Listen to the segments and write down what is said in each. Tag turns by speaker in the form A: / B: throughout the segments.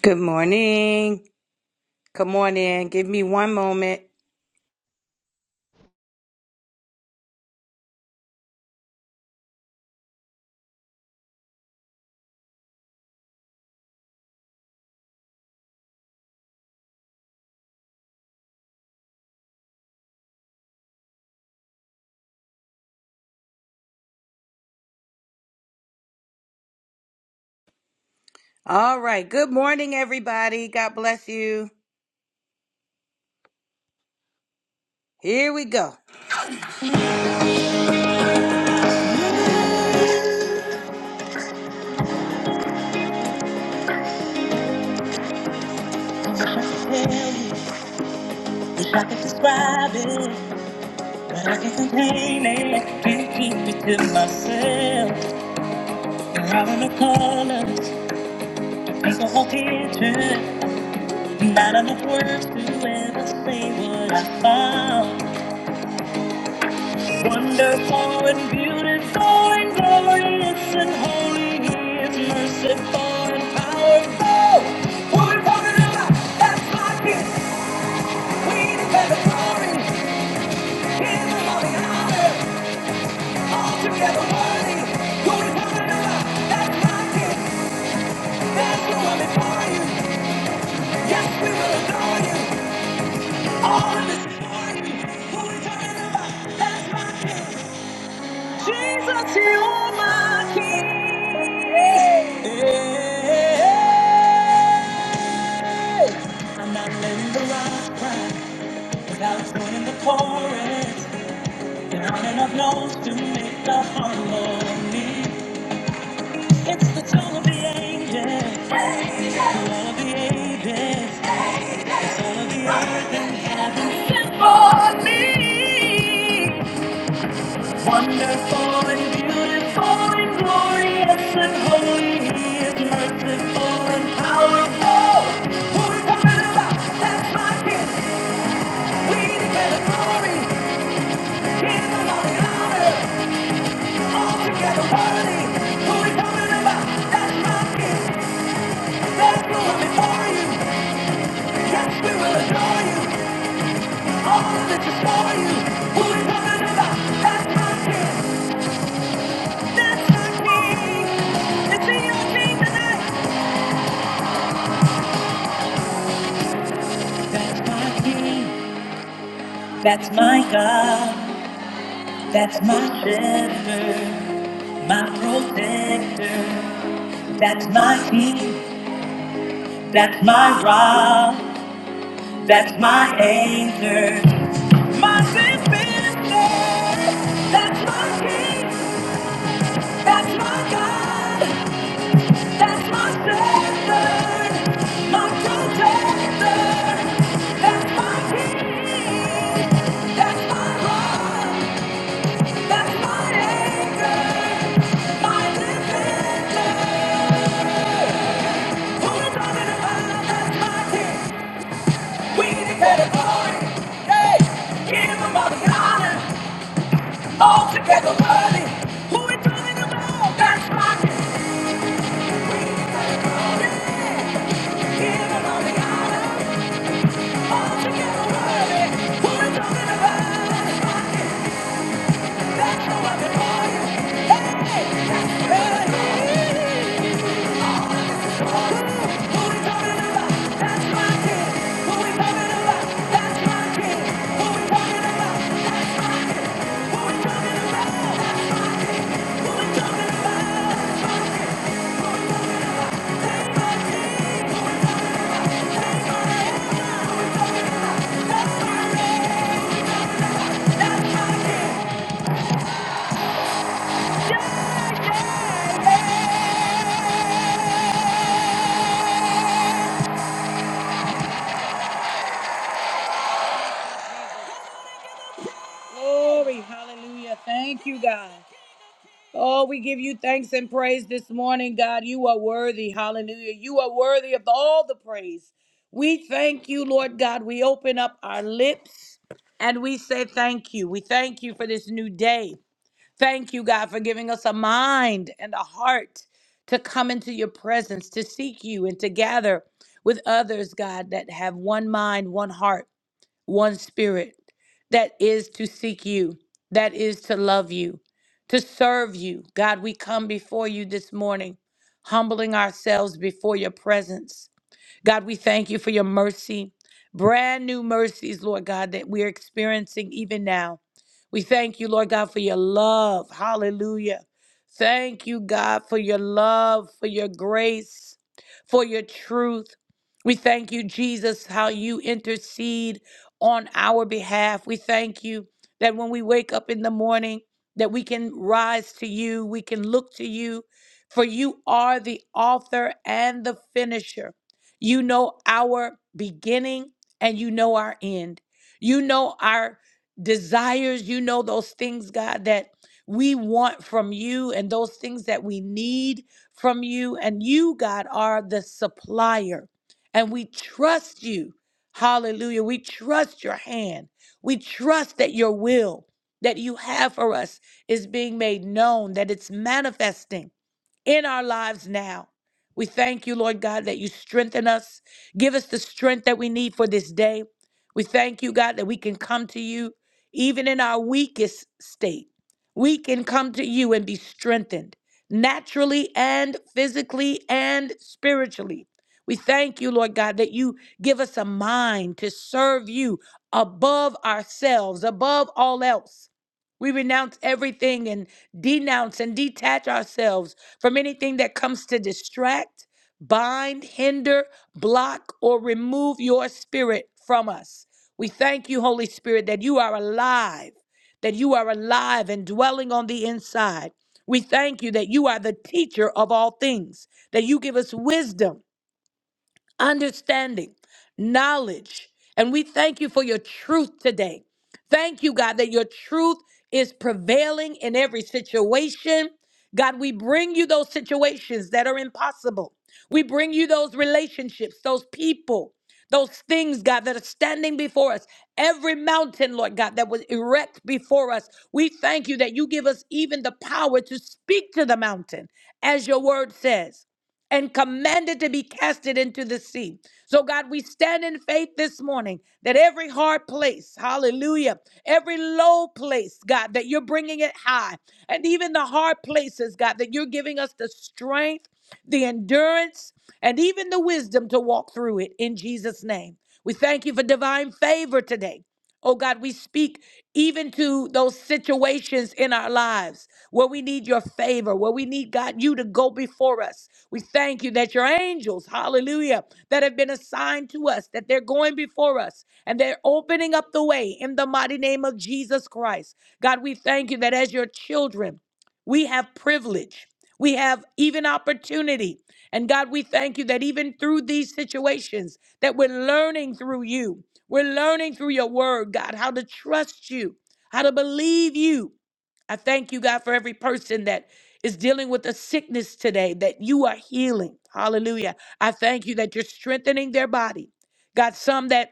A: Good morning. Come on in. Give me one moment. All right. Good morning, everybody. God bless you. Here we go. Wish I could describe it, but I can't contain it. Can't keep it to myself. You're out in the colors, paint the whole picture. Not enough words to ever say what I found. Wonderful and beautiful and glorious and holy, He is merciful and powerful. Woman from the river, that's like it. We declare the glory, His holy honor, all together worthy. Woman from the river, that's like it. There's no one before you. Yes, we will adore you. All of us, for you. Woman from the river, that's like it. Yeah. Yeah. I'm not letting the rocks cry. Clouds going in the chorus, and are and up notes to make the harmony. It's the tone of the angels, the all of the ages. For me, wonderful and beautiful and glorious and holy, He is merciful and powerful. Who is the matter? That's my kid. We declare the glory, give Him all the honor. That's my God, that's my shepherd, my protector, that's my king, that's my rock, that's my anchor. My sin business. That's my king. That's my God. That's my savior. My protector. That's my king. That's my rock. That's my anchor. My defender. Who is on the divine? That's my king. We declare the glory. Hey, give him all the honor. All together worthy. Who is on the divine? That's my king. That's my kid. worthy of all the praise. We thank you, Lord God. We open up our lips and we say thank you. We thank you for this new day. Thank you, God, for giving us a mind and a heart to come into your presence, to seek you, and to gather with others, God, that have one mind, one heart, one spirit, that is to seek you, that is to love you, to serve you. God, we come before you this morning, humbling ourselves before your presence God, we thank you for your mercy, brand new mercies, Lord God, that we're experiencing even now. We thank you, Lord God, for your love. Hallelujah. Thank you, God, for your love, for your grace, for your truth. We thank you, Jesus, how you intercede on our behalf. We thank you that when we wake up in the morning, that we can rise to you, we can look to you, for you are the author and the finisher. You know our beginning and you know our end. You know our desires, you know, those things, God, that we want from you and those things that we need from you. And you, God, are the supplier. And we trust you. Hallelujah. We trust your hand. We trust that your will that you have for us is being made known, that it's manifesting in our lives now. We thank you, Lord God, that you strengthen us. Give us the strength that we need for this day. We thank you, God, that we can come to you even in our weakest state. We can come to you and be strengthened naturally and physically and spiritually. We thank you, Lord God, that you give us a mind to serve you above ourselves, above all else. We renounce everything and denounce and detach ourselves from anything that comes to distract, bind, hinder, block, or remove your spirit from us. We thank you, Holy Spirit, that you are alive, that you are alive and dwelling on the inside. We thank you that you are the teacher of all things, that you give us wisdom understanding, knowledge. And we thank you for your truth today. Thank you, God, that your truth is prevailing in every situation. God, we bring you those situations that are impossible. We bring you those relationships, those people, those things, God, that are standing before us. Every mountain, Lord God, that was erect before us. We thank you that you give us even the power to speak to the mountain, as your word says and commanded to be casted into the sea. So, God, we stand in faith this morning that every hard place, hallelujah, every low place, God, that you're bringing it high, and even the hard places, God, that you're giving us the strength, the endurance, and even the wisdom to walk through it in Jesus' name. We thank you for divine favor today. Oh God, we speak even to those situations in our lives where we need your favor, where we need, God, you to go before us we thank you that your angels, hallelujah, that have been assigned to us, that they're going before us and they're opening up the way in the mighty name of Jesus Christ. God, we thank you that as your children, we have privilege, we have even opportunity. And God, we thank you that even through these situations that we're learning through you. We're learning through your word, God, how to trust you, how to believe you, I thank you, God, for every person that is dealing with a sickness today that you are healing. Hallelujah. I thank you that you're strengthening their body. God, some that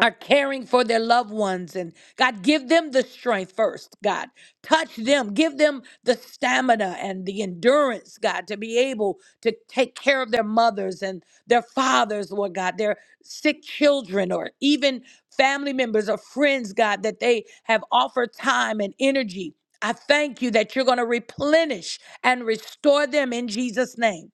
A: are caring for their loved ones and God give them the strength first God touch them give them the stamina and the endurance God to be able to take care of their mothers and their fathers Lord God their sick children or even family members or friends God that they have offered time and energy I thank you that you're going to replenish and restore them in Jesus name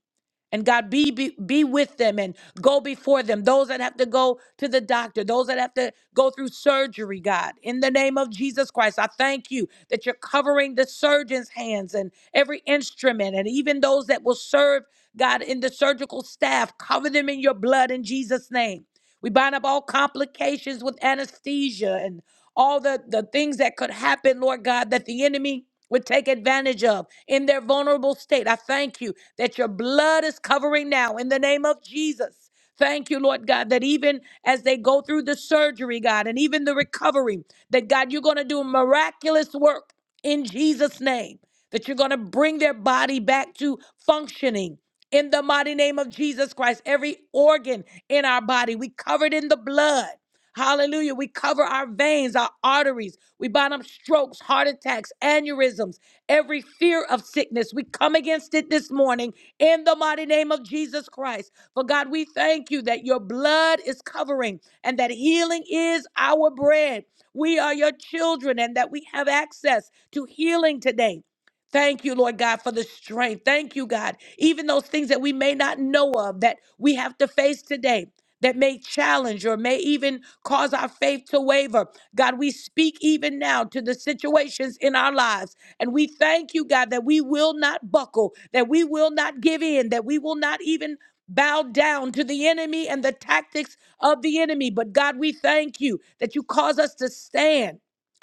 A: and God, be, be be with them and go before them. Those that have to go to the doctor, those that have to go through surgery, God, in the name of Jesus Christ, I thank you that you're covering the surgeon's hands and every instrument, and even those that will serve, God, in the surgical staff. Cover them in your blood in Jesus' name. We bind up all complications with anesthesia and all the, the things that could happen, Lord God, that the enemy would take advantage of in their vulnerable state. I thank you that your blood is covering now in the name of Jesus. Thank you, Lord God, that even as they go through the surgery, God, and even the recovery, that God, you're going to do miraculous work in Jesus' name, that you're going to bring their body back to functioning. In the mighty name of Jesus Christ, every organ in our body, we covered in the blood. Hallelujah. We cover our veins, our arteries. We bind up strokes, heart attacks, aneurysms every fear of sickness. We come against it this morning in the mighty name of Jesus Christ. For God, we thank you that your blood is covering and that healing is our bread. We are your children and that we have access to healing today. Thank you, Lord God, for the strength. Thank you, God. Even those things that we may not know of that we have to face today that may challenge or may even cause our faith to waver. God, we speak even now to the situations in our lives and we thank you, God, that we will not buckle, that we will not give in, that we will not even bow down to the enemy and the tactics of the enemy. But God, we thank you that you cause us to stand.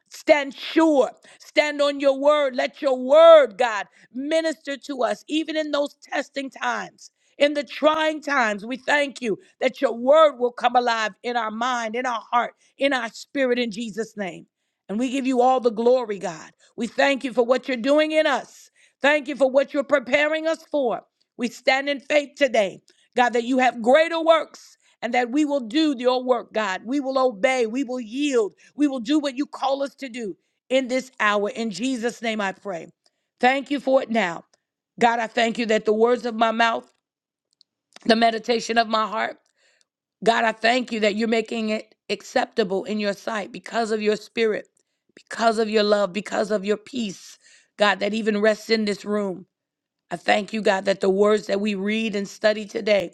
A: Stand sure. Stand on your word. Let your word, God, minister to us, even in those testing times, in the trying times. We thank you that your word will come alive in our mind, in our heart, in our spirit, in Jesus' name. And we give you all the glory, God. We thank you for what you're doing in us. Thank you for what you're preparing us for. We stand in faith today, God, that you have greater works and that we will do your work, God. We will obey. We will yield. We will do what you call us to do in this hour. In Jesus' name I pray. Thank you for it now. God, I thank you that the words of my mouth, the meditation of my heart, God, I thank you that you're making it acceptable in your sight because of your spirit, because of your love, because of your peace, God, that even rests in this room. I thank you, God, that the words that we read and study today,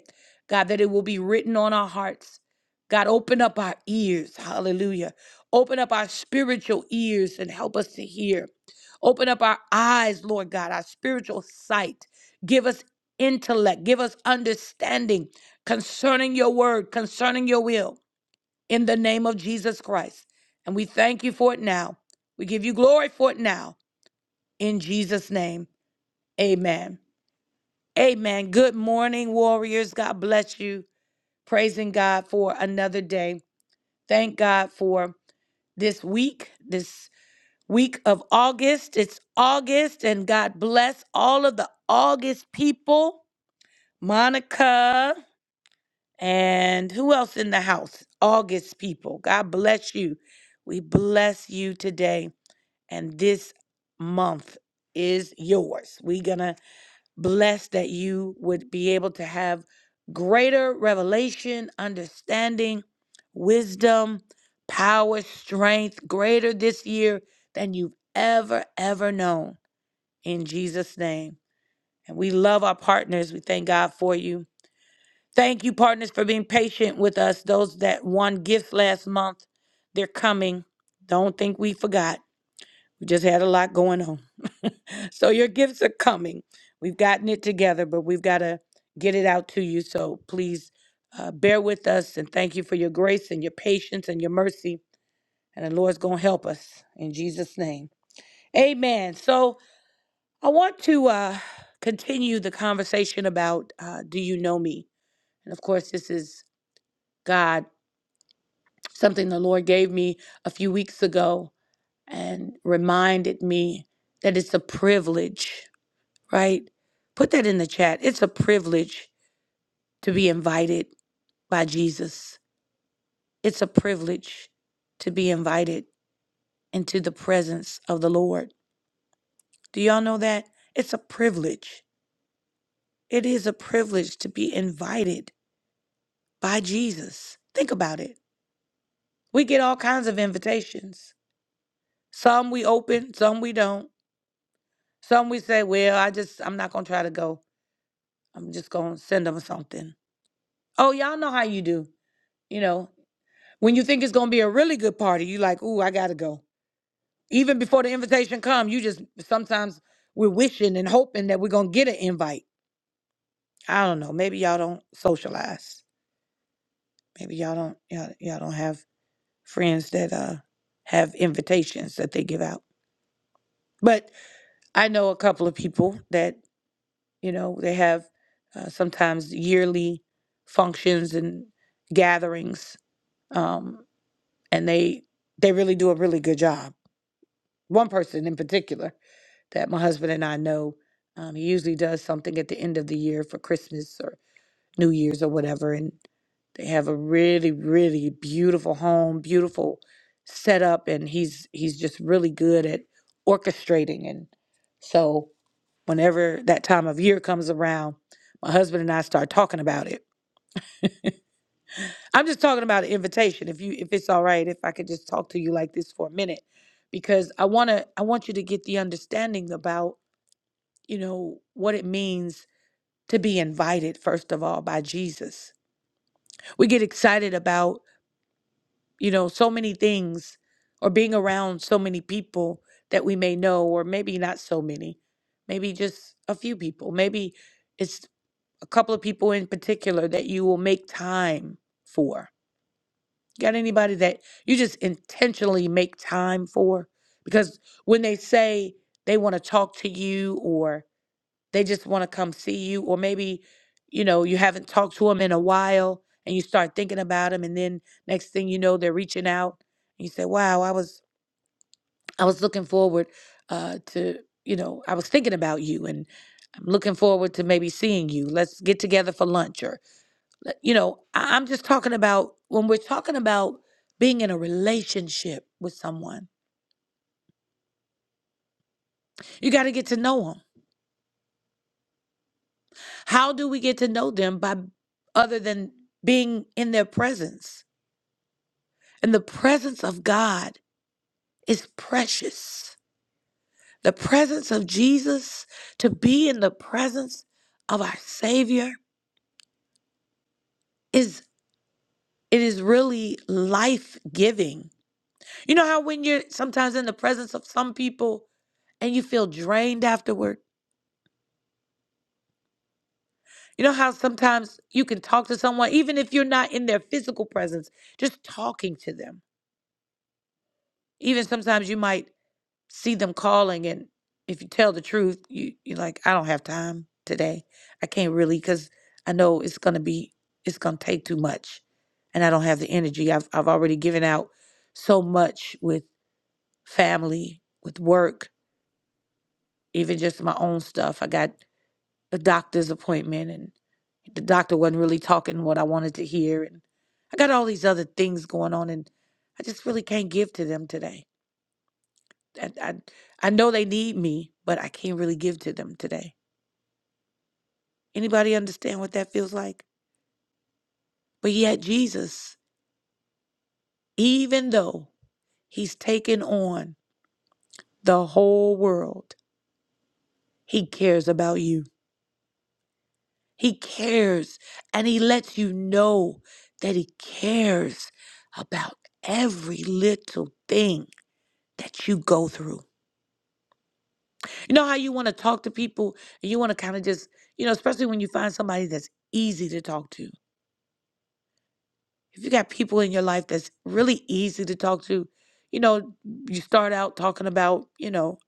A: God, that it will be written on our hearts. God, open up our ears. Hallelujah. Open up our spiritual ears and help us to hear. Open up our eyes, Lord God, our spiritual sight. Give us intellect. Give us understanding concerning your word, concerning your will, in the name of Jesus Christ. And we thank you for it now. We give you glory for it now. In Jesus' name, amen. Amen. Good morning, warriors. God bless you. Praising God for another day. Thank God for this week, this week of August. It's August, and God bless all of the August people. Monica and who else in the house? August people. God bless you. We bless you today, and this month is yours. We're gonna blessed that you would be able to have greater revelation, understanding, wisdom, power, strength, greater this year than you've ever, ever known. In Jesus' name. And we love our partners. We thank God for you. Thank you, partners, for being patient with us. Those that won gifts last month, they're coming. Don't think we forgot. We just had a lot going on. so your gifts are coming. We've gotten it together, but we've got to get it out to you. So please uh, bear with us and thank you for your grace and your patience and your mercy. And the Lord's going to help us in Jesus' name. Amen. So I want to uh, continue the conversation about uh, do you know me? And of course, this is God, something the Lord gave me a few weeks ago and reminded me that it's a privilege right? Put that in the chat. It's a privilege to be invited by Jesus. It's a privilege to be invited into the presence of the Lord. Do y'all know that? It's a privilege. It is a privilege to be invited by Jesus. Think about it. We get all kinds of invitations. Some we open, some we don't. Some we say, well, I just, I'm not going to try to go. I'm just going to send them something. Oh, y'all know how you do. You know, When you think it's gonna be a really good party, you like, ooh, I gotta go. Even before the invitation come, you just sometimes we're wishing and hoping that we're gonna get an invite. I don't know. Maybe y'all don't socialize. Maybe y'all don't y'all, y'all don't have friends that uh have invitations that they give out. But I know a couple of people that you know they have uh, sometimes yearly functions and gatherings, um, and they they really do a really good job. One person in particular that my husband and I know. Um, he usually does something at the end of the year for Christmas or New Year's or whatever. And they have a really, really beautiful home, beautiful setup, and he's he's just really good at orchestrating. And so, whenever that time of year comes around, my husband and I start talking about it. I'm just talking about an invitation. If you, if it's all right, if I could just talk to you like this for a minute, because I wanna, I want you to get the understanding about you know, what it means to be invited, first of all, by Jesus. We get excited about, you know, so many things or being around so many people that we may know, or maybe not so many, maybe just a few people. Maybe it's a couple of people in particular that you will make time for. Got anybody that you just intentionally make time for? Because when they say they want to talk to you or they just want to come see you or maybe you know you haven't talked to them in a while and you start thinking about them and then next thing you know they're reaching out and you say wow i was i was looking forward uh to you know i was thinking about you and i'm looking forward to maybe seeing you let's get together for lunch or let- you know I, i'm just talking about when we're talking about being in a relationship with someone you got to get to know them how do we get to know them by other than being in their presence And the presence of God is precious. The presence of Jesus, to be in the presence of our Savior is it is really life-giving. You know how when you're sometimes in the presence of some people and you feel drained afterward? You know how sometimes you can talk to someone even if you're not in their physical presence, just talking to them. Even sometimes you might see them calling and if you tell the truth you you're like i don't have time today i can't really because i know it's going to be it's going to take too much and i don't have the energy i've, I've already given out so much with family with work even just my own stuff i got a doctor's appointment and the doctor wasn't really talking what i wanted to hear and i got all these other things going on and i just really can't give to them today I, I I know they need me, but I can't really give to them today. Anybody understand what that feels like? But yet Jesus, even though he's taken on the whole world, he cares about you. He cares and he lets you know that he cares about every little thing that you go through. You know how you want to talk to people and you want to kind of just, you know, especially when you find somebody that's easy to talk to if you got people in your life that's really easy to talk to, you know, you start out talking about, you know,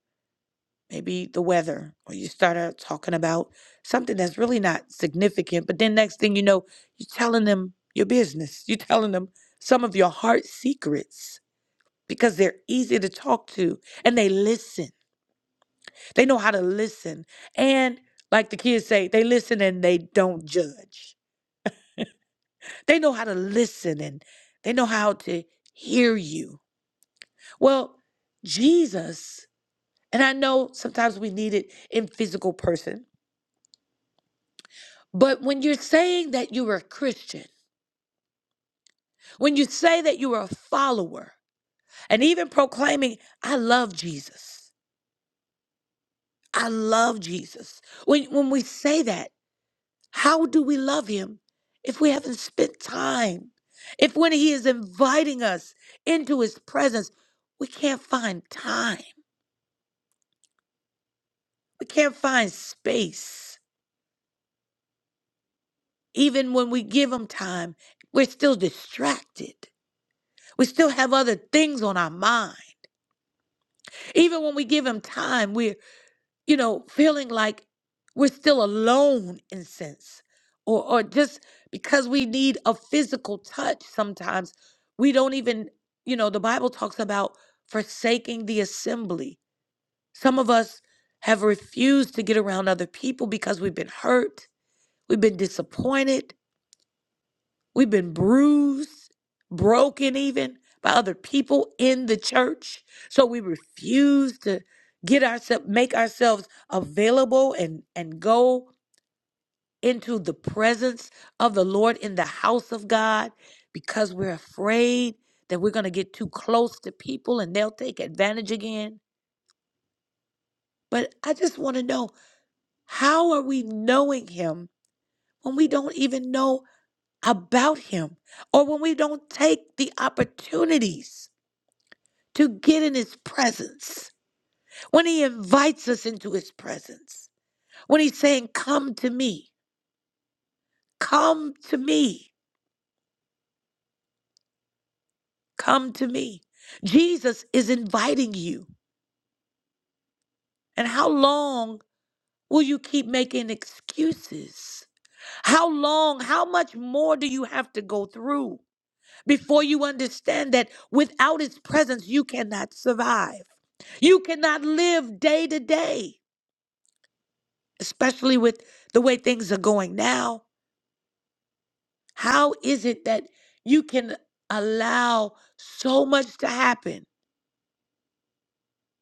A: maybe the weather, or you start out talking about something that's really not significant, but then next thing you know, you're telling them your business, you're telling them some of your heart secrets because they're easy to talk to and they listen. They know how to listen. And like the kids say, they listen and they don't judge. They know how to listen and they know how to hear you Well, Jesus, and I know sometimes we need it in physical person, but when you're saying that you are a Christian, when you say that you are a follower, and even proclaiming, I love Jesus, I love Jesus, when, when we say that, how do we love him if we haven't spent time? If when he is inviting us into his presence, we can't find time, we can't find space. Even when we give Him time, we're still distracted. We still have other things on our mind. Even when we give Him time, we're, you know, feeling like we're still alone in sense. Or, or just because we need a physical touch sometimes, we don't even, you know, the Bible talks about forsaking the assembly. Some of us have refused to get around other people because we've been hurt, we've been disappointed, We've been bruised, broken even by other people in the church. So we refuse to get ourselves make ourselves available and and go into the presence of the Lord in the house of God because we're afraid that we're going to get too close to people and they'll take advantage again. But I just want to know how are we knowing him when we don't even know about him or when we don't take the opportunities to get in his presence, when he invites us into his presence, when he's saying, Come to me, come to me, come to me. Jesus is inviting you. And how long will you keep making excuses? How long, how much more do you have to go through? before you understand that without his presence, you cannot survive. You cannot live day to day, especially with the way things are going now. How is it that you can allow so much to happen,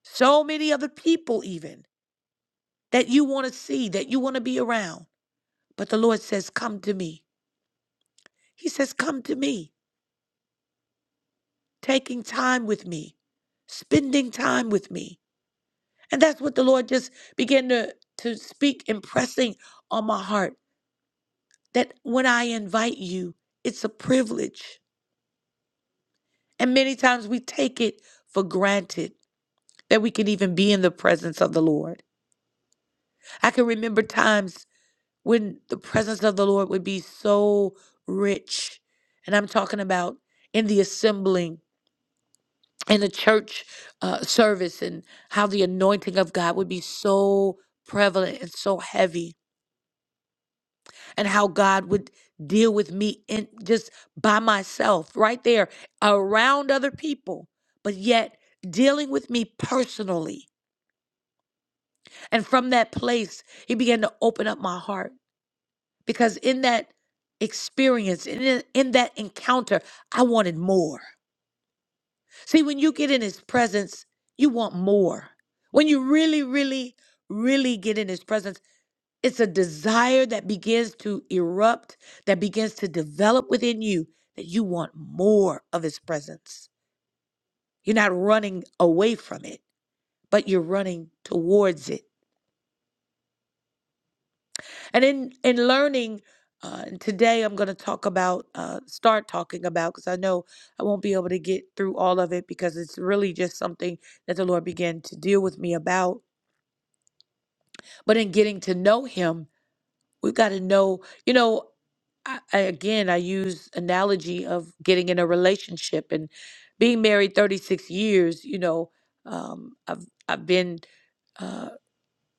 A: so many other people, even that you want to see, that you want to be around? But the Lord says, Come to me. He says, Come to me, taking time with me, spending time with me. And that's what the Lord just began to, to speak, impressing on my heart that when I invite you, it's a privilege. And many times we take it for granted that we can even be in the presence of the Lord. I can remember times when the presence of the Lord would be so rich. And I'm talking about in the assembling, in the church uh, service, and how the anointing of God would be so prevalent and so heavy. and how God would deal with me in just by myself, right there, around other people, but yet dealing with me personally. And from that place, He began to open up my heart because in that experience, in, in that encounter, I wanted more. See, when you get in His presence, you want more. When you really, really, really get in His presence, It's a desire that begins to erupt, that begins to develop within you that you want more of His presence. You're not running away from it, but you're running towards it. And in in learning, uh, and today I'm going to talk about, uh, start talking about, because I know I won't be able to get through all of it because it's really just something that the Lord began to deal with me about. But in getting to know Him, we have got to know you know I, I again i use analogy of getting in a relationship and being married 36 years you know um, i've i've been uh,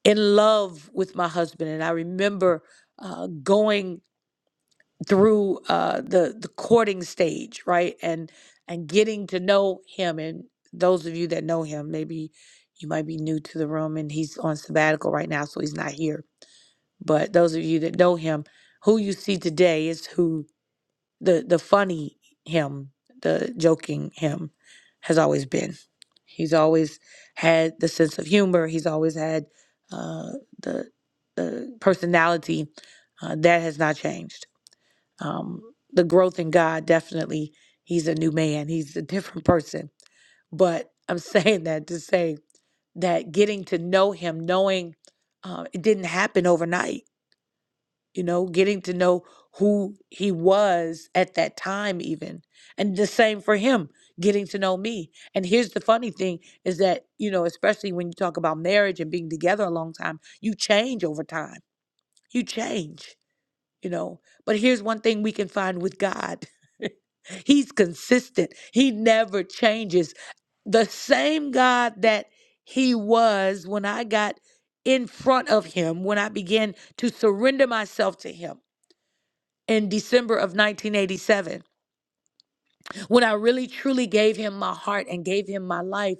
A: in love with my husband and i remember uh, going through uh, the the courting stage right and and getting to know him and those of you that know him maybe you might be new to the room and he's on sabbatical right now so he's not here but those of you that know him, who you see today is who the the funny him, the joking him has always been. He's always had the sense of humor. He's always had uh, the the personality uh, that has not changed. Um, the growth in God definitely. He's a new man. He's a different person. But I'm saying that to say that getting to know Him, knowing uh, it didn't happen overnight you know, getting to know who he was at that time, even. And the same for him, getting to know me. And here's the funny thing is that, you know, especially when you talk about marriage and being together a long time, you change over time. You change, you know. But here's one thing we can find with God He's consistent, He never changes. The same God that He was when I got in front of Him, when I began to surrender myself to Him in December of 1987, when I really truly gave him my heart and gave him my life,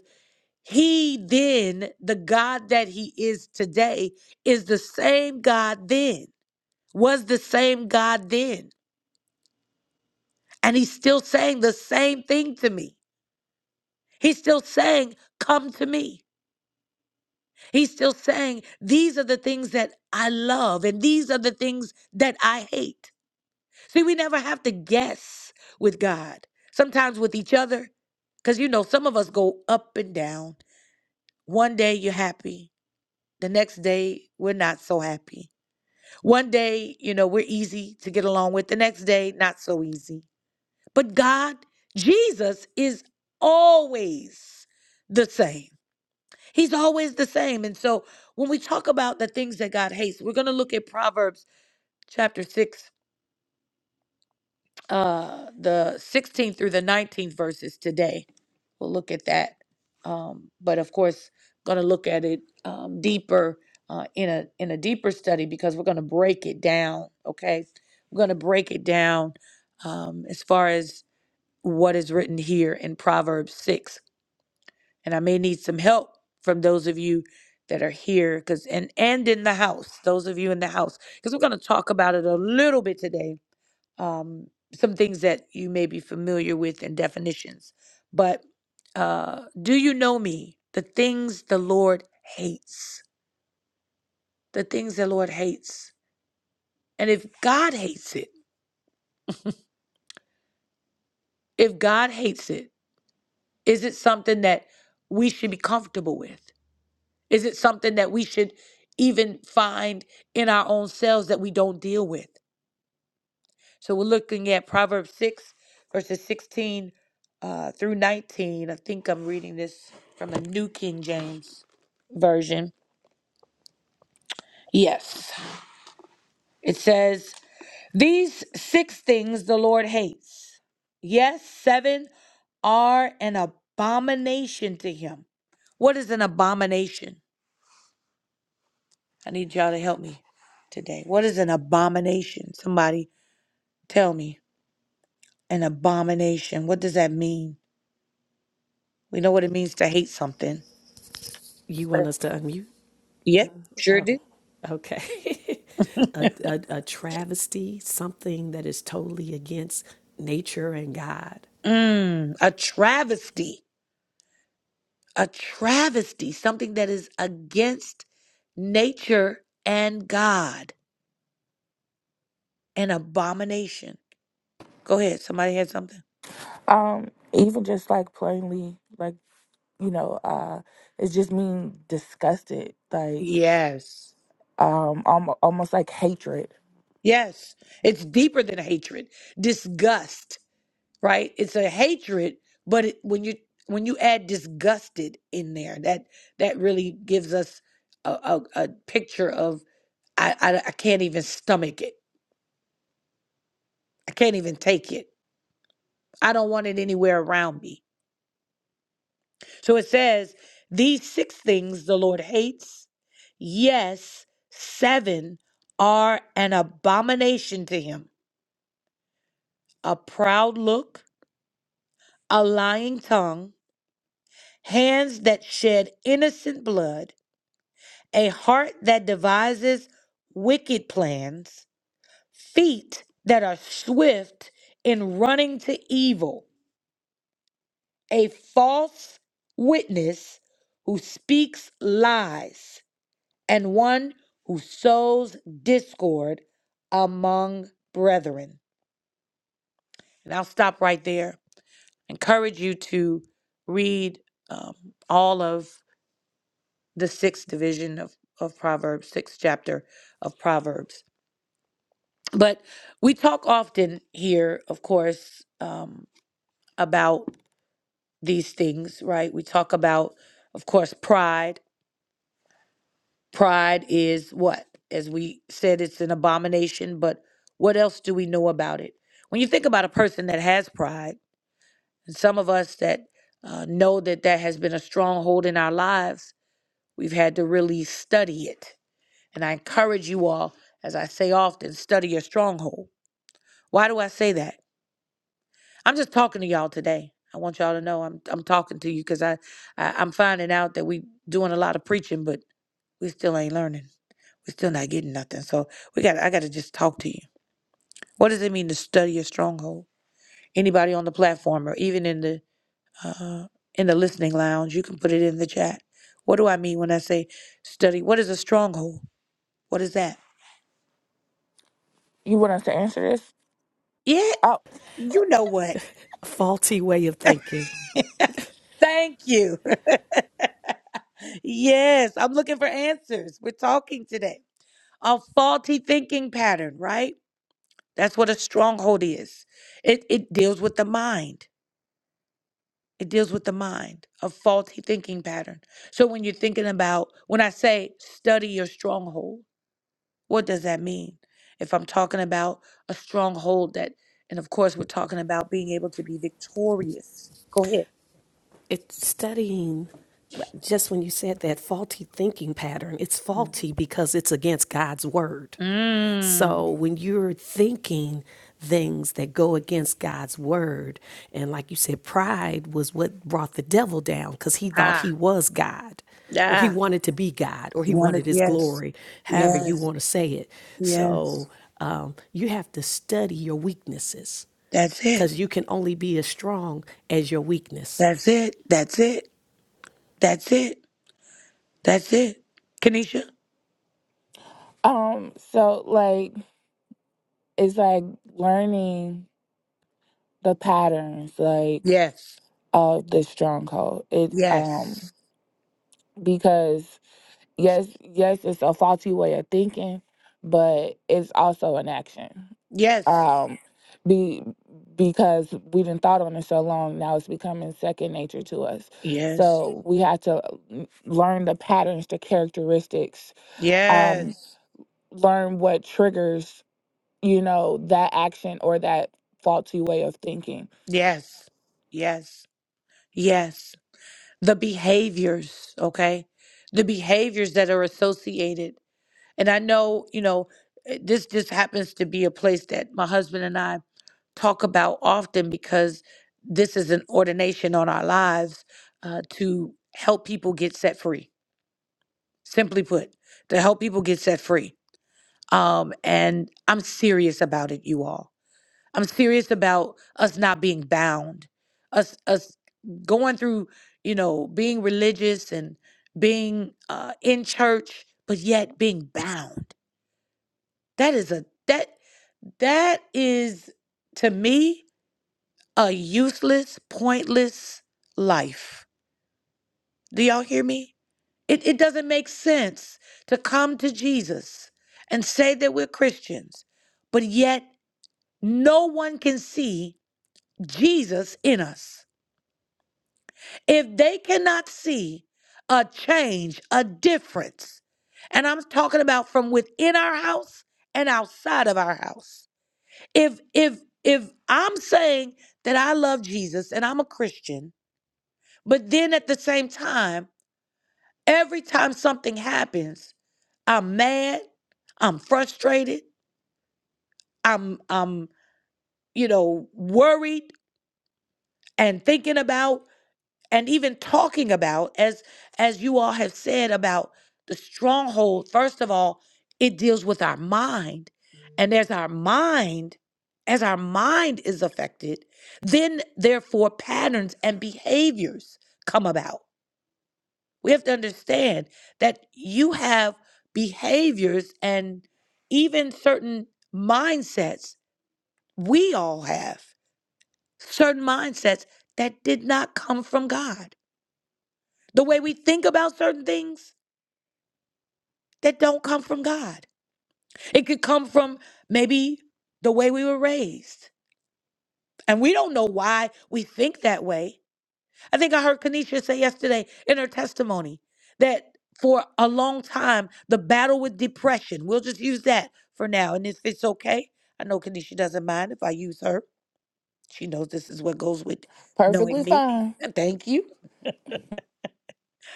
A: he then, the God that he is today, is the same God then, was the same God then. And he's still saying the same thing to me. He's still saying, Come to me. He's still saying, These are the things that I love and these are the things that I hate. See, we never have to guess with God, sometimes with each other, because you know, some of us go up and down. One day you're happy, the next day we're not so happy. One day, you know, we're easy to get along with, the next day, not so easy. But God, Jesus is always the same. He's always the same. And so when we talk about the things that God hates, we're going to look at Proverbs chapter 6 uh, the 16th through the 19th verses today. We'll look at that. Um, but of course, going to look at it um, deeper uh, in a in a deeper study because we're going to break it down. Okay, we're going to break it down um, as far as what is written here in Proverbs six, and I may need some help from those of you that are here because and and in the house, those of you in the house, because we're going to talk about it a little bit today um, some things that you may be familiar with and definitions. But uh, do you know me? The things the Lord hates, the things the Lord hates. And if God hates it, if God hates it, is it something that we should be comfortable with? Is it something that we should even find in our own selves that we don't deal with? So we're looking at Proverbs 6, verses 16 uh, through 19. I think I'm reading this from a New King James Version. Yes. It says, These six things the Lord hates. Yes, seven are an abomination to him. What is an abomination? I need y'all to help me today. What is an abomination? Somebody tell me. An abomination. What does that mean? We know what it means to hate something.
B: You want us to unmute?
A: Yep, sure
B: Oh,
A: do.
B: okay. a, a, a travesty, something that is totally against nature and God.
A: Mm, a travesty, a travesty, something that is against nature and God, an abomination. Go ahead. Somebody had something?
C: Um, even just like plainly, like, you know, uh, it's just mean disgusted, like,
A: Yes.
C: um, almost, almost like hatred.
A: Yes. It's deeper than hatred. Disgust, right? It's a hatred, but it, when you when you add disgusted in there, that that really gives us a, a, a picture of I, I I can't even stomach it. I can't even take it. I don't want it anywhere around me. So it says, These six things the Lord hates. Yes, seven are an abomination to him a proud look, a lying tongue, hands that shed innocent blood, a heart that devises wicked plans, feet that are swift in running to evil, a false witness who speaks lies and one who sows discord among brethren. And I'll stop right there. Encourage you to read um, all of the sixth division of, of Proverbs, sixth chapter of Proverbs. But we talk often here, of course, um, about these things, right? We talk about, of course, pride. Pride is what? As we said, it's an abomination, but what else do we know about it? When you think about a person that has pride, and some of us that uh, know that that has been a stronghold in our lives, we've had to really study it. And I encourage you all, as I say often, study your stronghold. Why do I say that? I'm just talking to y'all today. I want y'all to know I'm I'm talking to you because I, I I'm finding out that we doing a lot of preaching, but we still ain't learning. We're still not getting nothing. So we got I gotta just talk to you. What does it mean to study your stronghold? Anybody on the platform or even in the uh in the listening lounge, you can put it in the chat. What do I mean when I say study? What is a stronghold? What is that?
C: You want us to answer this?
A: Yeah,
C: Oh,
A: you know what.
B: Faulty way of thinking.
A: Thank you. yes, I'm looking for answers. We're talking today. A faulty thinking pattern, right? That's what a stronghold is. It it deals with the mind. It deals with the mind, a faulty thinking pattern. So when you're thinking about, when I say study your stronghold, what does that mean? If I'm talking about a stronghold that, and of course, we're talking about being able to be victorious. Go ahead.
B: It's studying, just when you said that faulty thinking pattern, it's
A: Mm.
B: faulty because it's against God's word.
A: Mm.
B: So when you're thinking things that go against God's word, and like you said, pride was what brought the devil down because he thought
A: Ah,
B: he was God or he
A: ah.
B: wanted to be God, or
A: You
B: he
A: want it?
B: wanted his
A: Yes.
B: glory, however you
A: Yes.
B: want to say it.
A: Yes.
B: So um, you have to study your weaknesses
A: That's it.
B: because you can only be as strong as your weakness.
A: That's it. That's it. That's it. That's it. Kenesha?
C: um, so like, it's like learning the patterns, like,
A: Yes.
C: of the stronghold. It,
A: Yes.
C: um, because yes, yes, it's a faulty way of thinking, but it's also an action.
A: Yes.
C: Um, be because we didn't thought on it so long, now it's becoming second nature to us.
A: Yes.
C: So we have to n- learn the patterns, the characteristics, um,
A: Yes.
C: learn what triggers, you know, that action or that faulty way of thinking.
A: Yes. Yes. Yes. The behaviors, okay? The behaviors that are associated. And I know, you know, eh, this just happens to be a place that my husband and I talk about often because this is an ordination on our lives uh, to help people get set free. Simply put, to help people get set free. Um, and I'm serious about it, you all. I'm serious about us not being bound, us us going through, you know, being religious and being uh, in church, but yet being bound. That is a that that is to me a useless, pointless life. Do y'all hear me? It it doesn't make sense to come to Jesus and say that we're Christians, but yet no one can see Jesus in us if they cannot see a change, a difference, and I'm talking about from within our house and outside of our house. If if if I'm saying that I love Jesus and I'm a Christian, but then at the same time, every time something happens, I'm mad, I'm frustrated, I'm I'm you know worried and thinking about and even talking about as as you all have said about the stronghold first of all it deals with our mind and as our mind as our mind is affected then therefore patterns and behaviors come about we have to understand that you have behaviors and even certain mindsets we all have certain mindsets that did not come from god the way we think about certain things that don't come from God. It could come from maybe the way we were raised. And we don't know why we think that way. I think I heard Kanisha say yesterday in her testimony that for a long time, the battle with depression, we'll just use that for now. And if it's okay, I know Kanisha doesn't mind if I use her. She knows this is what goes with knowing
C: Perfectly
A: me.
C: fine.
A: And Thank you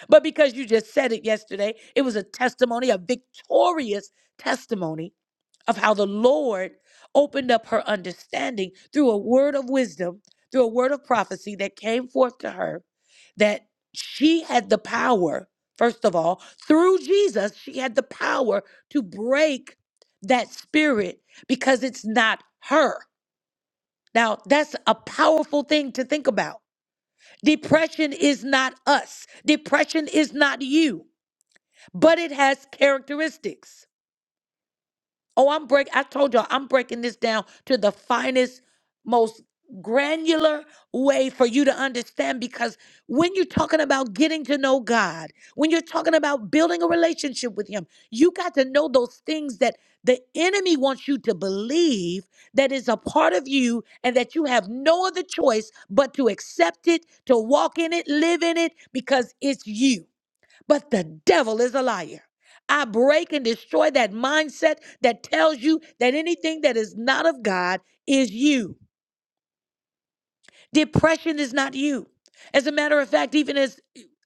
A: But because you just said it yesterday, it was a testimony, a victorious testimony of how the Lord opened up her understanding through a word of wisdom, through a word of prophecy that came forth to her that she had the power, first of all, through Jesus, she had the power to break that spirit because it's not her. Now, that's a powerful thing to think about. Depression is not us. Depression is not you but it has characteristics. Oh, I'm break. I told y'all I'm breaking this down to the finest, most granular way for you to understand. Because when you're talking about getting to know God, when you're talking about building a relationship with Him, you got to know those things that the enemy wants you to believe that is a part of you, and that you have no other choice but to accept it, to walk in it, live in it, because it's you. But the devil is a liar. I break and destroy that mindset that tells you that anything that is not of God is you. Depression is not you. As a matter of fact, even as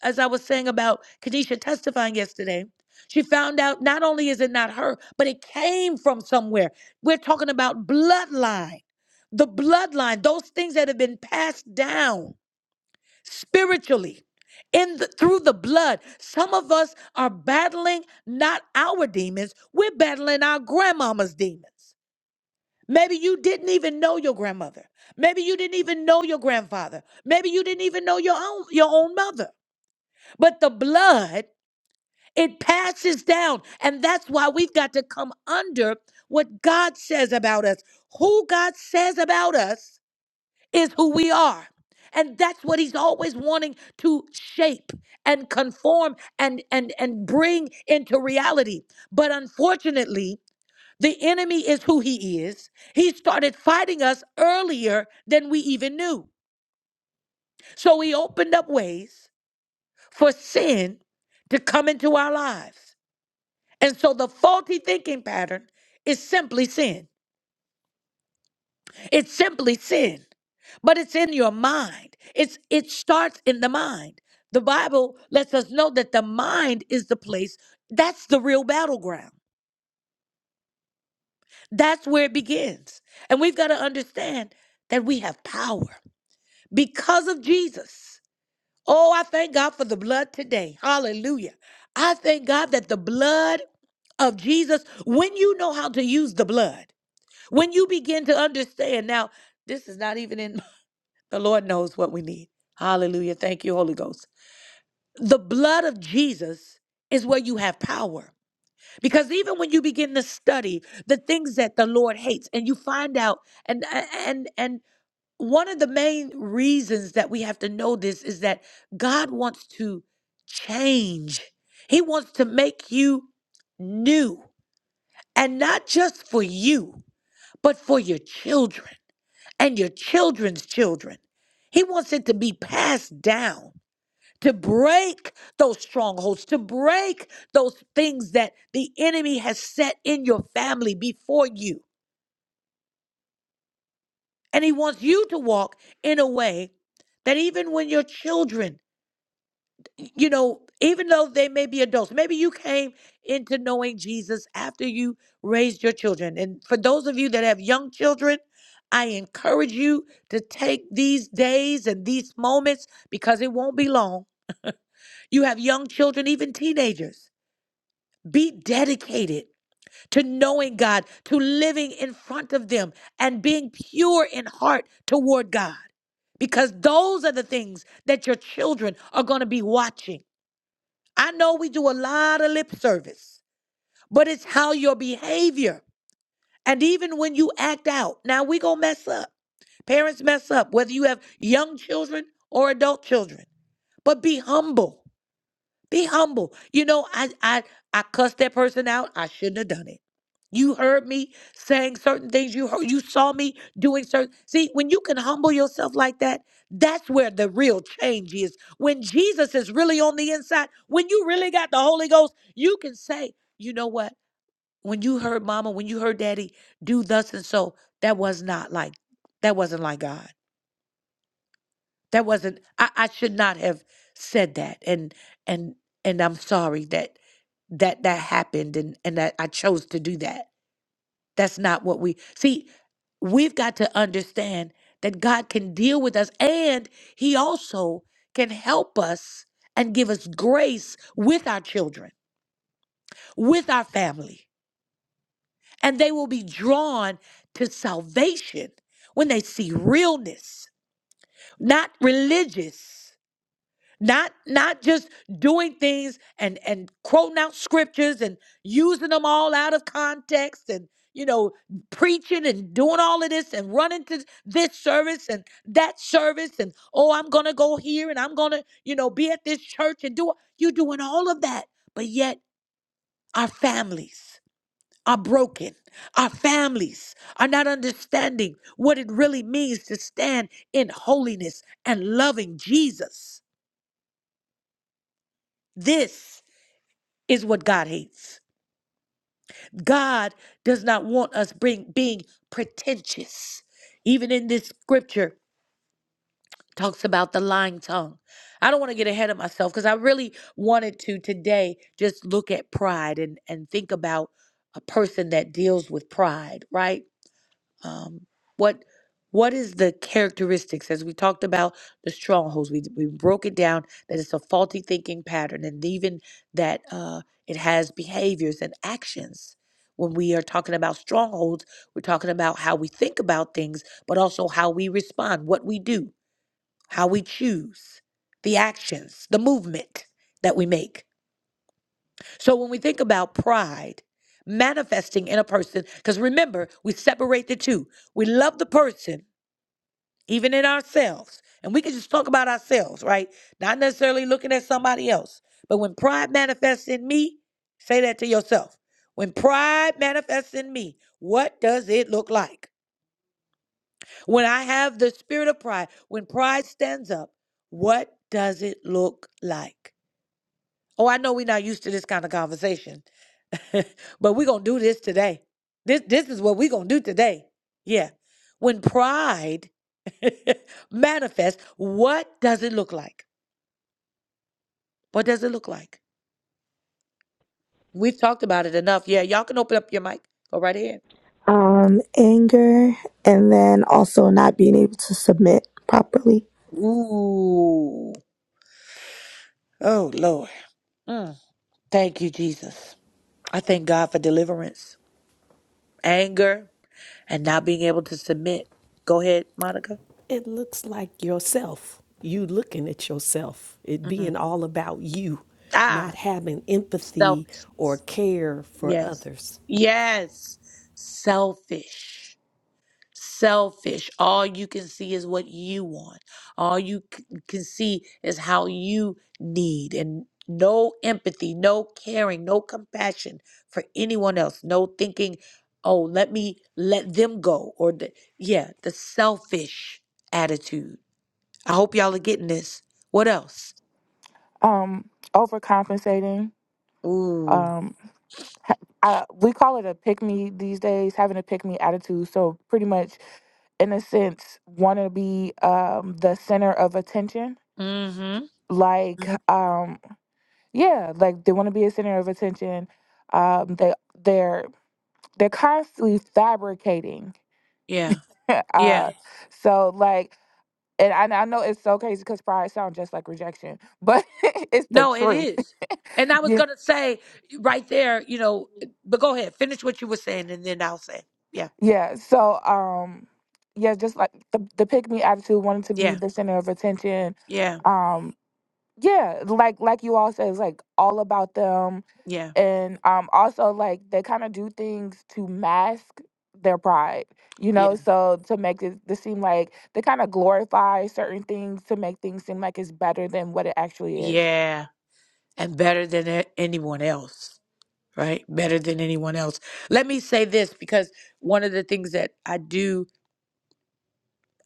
A: as I was saying about Kadisha testifying yesterday, she found out not only is it not her, but it came from somewhere. We're talking about bloodline. The bloodline, those things that have been passed down spiritually in the, through the blood some of us are battling not our demons we're battling our grandmama's demons maybe you didn't even know your grandmother maybe you didn't even know your grandfather maybe you didn't even know your own your own mother but the blood it passes down and that's why we've got to come under what god says about us who god says about us is who we are. And that's what he's always wanting to shape and conform and and and bring into reality. But unfortunately, the enemy is who he is. He started fighting us earlier than we even knew. So he opened up ways for sin to come into our lives. And so the faulty thinking pattern is simply sin. It's simply sin, but it's in your mind. It's it starts in the mind. The Bible lets us know that the mind is the place that's the real battleground. That's where it begins. And we've got to understand that we have power because of Jesus. Oh, I thank God for the blood today. Hallelujah. I thank God that the blood of Jesus, when you know how to use the blood, when you begin to understand, now, this is not even in The Lord knows what we need. Hallelujah. Thank you, Holy Ghost. The blood of Jesus is where you have power. Because even when you begin to study the things that the Lord hates and you find out and and and one of the main reasons that we have to know this is that God wants to change. He wants to make you new and not just for you but for your children and your children's children. He wants it to be passed down, to break those strongholds, to break those things that the enemy has set in your family before you. And he wants you to walk in a way that even when your children you know, even though they may be adults, maybe you came into knowing Jesus after you raised your children. And for those of you that have young children, I encourage you to take these days and these moments because it won't be long. You have young children, even teenagers. Be dedicated to knowing God, to living in front of them, and being pure in heart toward God. Because those are the things that your children are going to be watching. I know we do a lot of lip service, but it's how your behavior and even when you act out. Now we gonna mess up. Parents mess up, whether you have young children or adult children. But be humble. Be humble. You know, I I I cussed that person out. I shouldn't have done it. You heard me saying certain things. You heard you saw me doing certain See, when you can humble yourself like that, that's where the real change is. When Jesus is really on the inside, when you really got the Holy Ghost, you can say, "You know what? When you heard mama, when you heard daddy do thus and so, that was not like that wasn't like God." That wasn't I, I should not have said that and and and I'm sorry that that that happened and and that I chose to do that. That's not what we see. We've got to understand that God can deal with us and he also can help us and give us grace with our children, with our family. And they will be drawn to salvation when they see realness, not religious. not not just doing things and and quoting out scriptures and using them all out of context and you know preaching and doing all of this and running to this service and that service and oh i'm gonna go here and i'm gonna you know be at this church and do you doing all of that but yet our families are broken our families are not understanding what it really means to stand in holiness and loving jesus this is what God hates. God does not want us bring, being pretentious. Even in this scripture, talks about the lying tongue. I don't want to get ahead of myself because I really wanted to today just look at pride and, and think about a person that deals with pride, right? um, what what is the characteristics as we talked about the strongholds we, we broke it down that it's a faulty thinking pattern and even that uh, it has behaviors and actions when we are talking about strongholds we're talking about how we think about things but also how we respond what we do how we choose the actions the movement that we make so when we think about pride manifesting in a person, because remember, we separate the two. We love the person, even in ourselves. And we can just talk about ourselves, right? Not necessarily looking at somebody else. But when pride manifests in me, say that to yourself. When pride manifests in me, what does it look like? When I have the spirit of pride, when pride stands up, what does it look like? Oh, I know we're not used to this kind of conversation, but we're going to do this today. This, this is what we're going to do today. Yeah. When pride manifests, what does it look like? What does it look like? We've talked about it enough. Yeah, y'all can open up your mic. Go right ahead.
D: um, anger, and then also not being able to submit properly.
A: Ooh. Oh, Lord. Mm. Thank you, Jesus. I thank God for deliverance, anger, and not being able to submit. Go ahead, Monica.
B: It looks like yourself. You looking at yourself. It
A: Mm.
B: being all about you, not
A: Ah,
B: having empathy or
A: selfishness.
B: care for
A: Yes.
B: others.
A: Yes. Selfish. Selfish. All you can see is what you want. All you c- can see is how you need and no empathy, no caring, no compassion for anyone else. No thinking, "Oh, let me let them go." Or the, yeah, the selfish attitude. I hope y'all are getting this. What else?
C: Um, overcompensating.
A: Ooh.
C: um, ha- I, we call it a pick me these days, having a pick me attitude. So pretty much, in a sense, want to be um, the center of attention.
A: Mhm.
C: Like, um, yeah, like they want to be a center of attention. Um, they they're they're constantly fabricating.
A: Yeah. Yeah.
C: uh, so like. And I, I know it's so crazy because pride sounds just like rejection, but it's the
A: No, it
C: truth.
A: is. And I was going to say right there, you know, but go ahead, finish what you were saying, and then I'll say, yeah,
C: Yeah, so um yeah, just like the the pick me attitude, wanting to be
A: yeah,
C: the center of attention.
A: yeah,
C: Um yeah, like like you all said, it's like all about them
A: yeah,
C: and um also like they kind of do things to mask their pride, you know,
A: yeah,
C: so to make it to seem like they kind of glorify certain things to make things seem like it's better than what it actually is.
A: yeah. And better than a- anyone else, right? Better than anyone else. Let me say this because one of the things that I do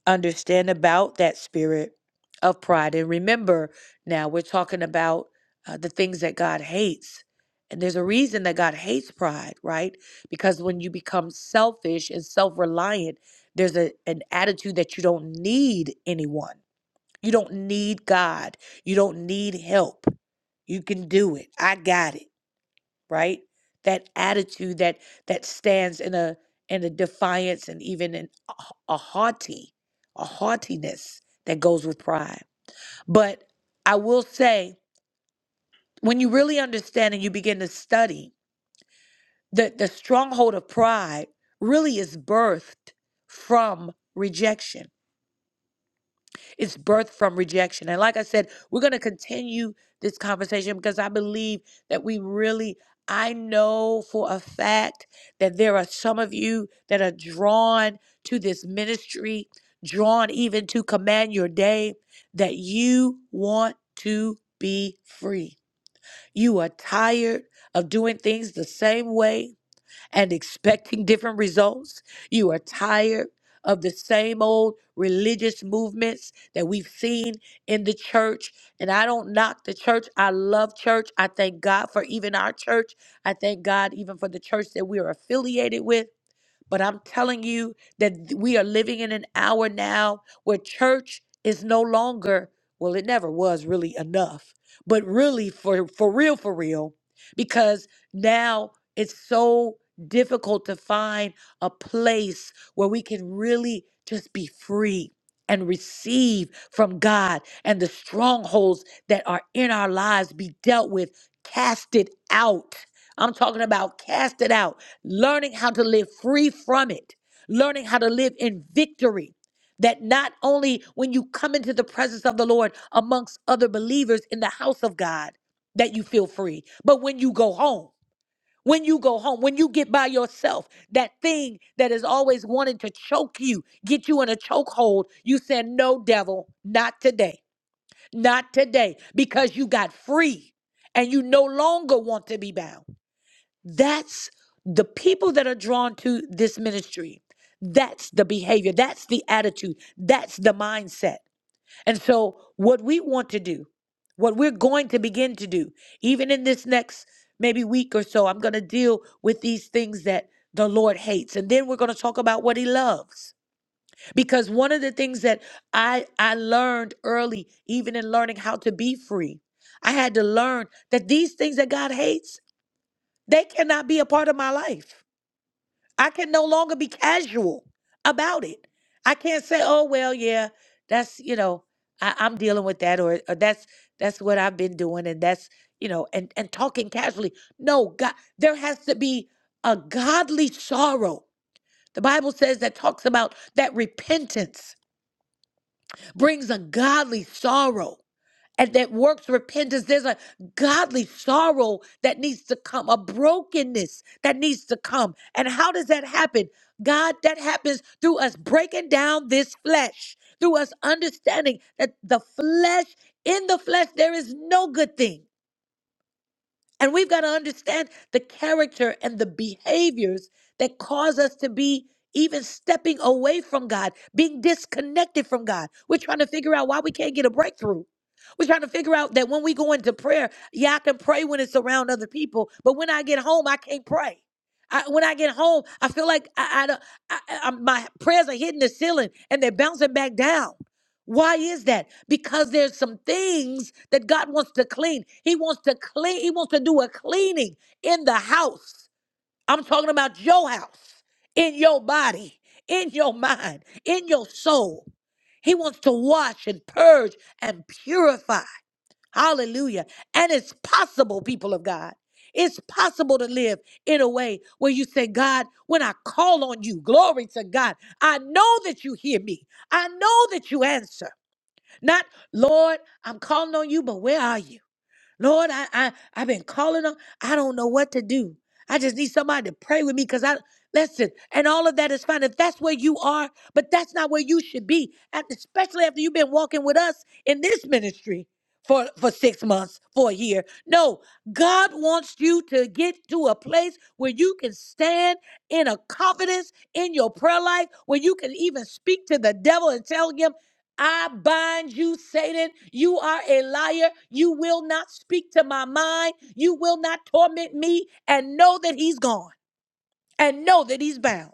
A: understand about that spirit of pride. And remember, now we're talking about uh, the things that God hates. And there's a reason that God hates pride, right? Because when you become selfish and self reliant, there's a, an attitude that you don't need anyone. You don't need God. You don't need help. You can do it. I got it right? That attitude that that stands in a in a defiance and even in a, a haughty, a haughtiness that goes with pride. But I will say, when you really understand and you begin to study, the, the stronghold of pride really is birthed from rejection It's birth from rejection. And like I said, we're going to continue this conversation because I believe that we really, I know for a fact that there are some of you that are drawn to this ministry, drawn even to command your day, that you want to be free. You are tired of doing things the same way and expecting different results. You are tired of the same old religious movements that we've seen in the church. And I don't knock the church. I love church. I thank God for even our church. I thank God even for the church that we are affiliated with. But I'm telling you that we are living in an hour now where church is no longer, well, it never was really enough, but really for, for real, for real, because now it's so difficult to find a place where we can really just be free and receive from God and the strongholds that are in our lives be dealt with, cast it out. I'm talking about cast it out learning how to live free from it, learning how to live in victory. That not only when you come into the presence of the Lord amongst other believers in the house of God, that you feel free, but when you go home, when you go home, when you get by yourself, that thing that is always wanting to choke you, get you in a chokehold, you said, No, devil, not today, not today, because you got free and you no longer want to be bound. That's the people that are drawn to this ministry. That's the behavior. That's the attitude. That's the mindset. And so, what we want to do, what we're going to begin to do, even in this next maybe week or so, I'm going to deal with these things that the Lord hates. And then we're going to talk about what he loves. Because one of the things that I, I learned early, even in learning how to be free, I had to learn that these things that God hates they cannot be a part of my life. I can no longer be casual about it. I can't say, "Oh well, yeah, that's you know, I, I'm dealing with that," or, or "That's that's what I've been doing," and that's you know, and and talking casually. No, God, there has to be a godly sorrow. The Bible says that talks about that repentance brings a godly sorrow and that works repentance. There's a godly sorrow that needs to come, a brokenness that needs to come. And how does that happen? God, that happens through us breaking down this flesh, through us understanding that the flesh, in the flesh, there is no good thing. And we've got to understand the character and the behaviors that cause us to be even stepping away from God, being disconnected from God. We're trying to figure out why we can't get a breakthrough. We're trying to figure out that when we go into prayer, yeah, I can pray when it's around other people, but when I get home, I can't pray. I, when I get home, I feel like I, I, don't- I, I, my prayers are hitting the ceiling and they're bouncing back down. Why is that? Because there's some things that God wants to clean. He wants to clean, he wants to do a cleaning in the house. I'm talking about your house, in your body, in your mind, in your soul. He wants to wash and purge and purify. Hallelujah. And it's possible, people of God. It's possible to live in a way where you say, God, when I call on you, glory to God, I know that you hear me. I know that you answer. Not, Lord, I'm calling on you, but where are you? Lord, I, I I've been calling on, I don't know what to do. I just need somebody to pray with me because I listen, and all of that is fine. If that's where you are, but that's not where you should be. And especially after you've been walking with us in this ministry for, for six months, for a year. No, God wants you to get to a place where you can stand in a confidence in your prayer life, where you can even speak to the devil and tell him. I bind you, Satan. You are a liar. You will not speak to my mind. You will not torment me. And know that he's gone and know that he's bound.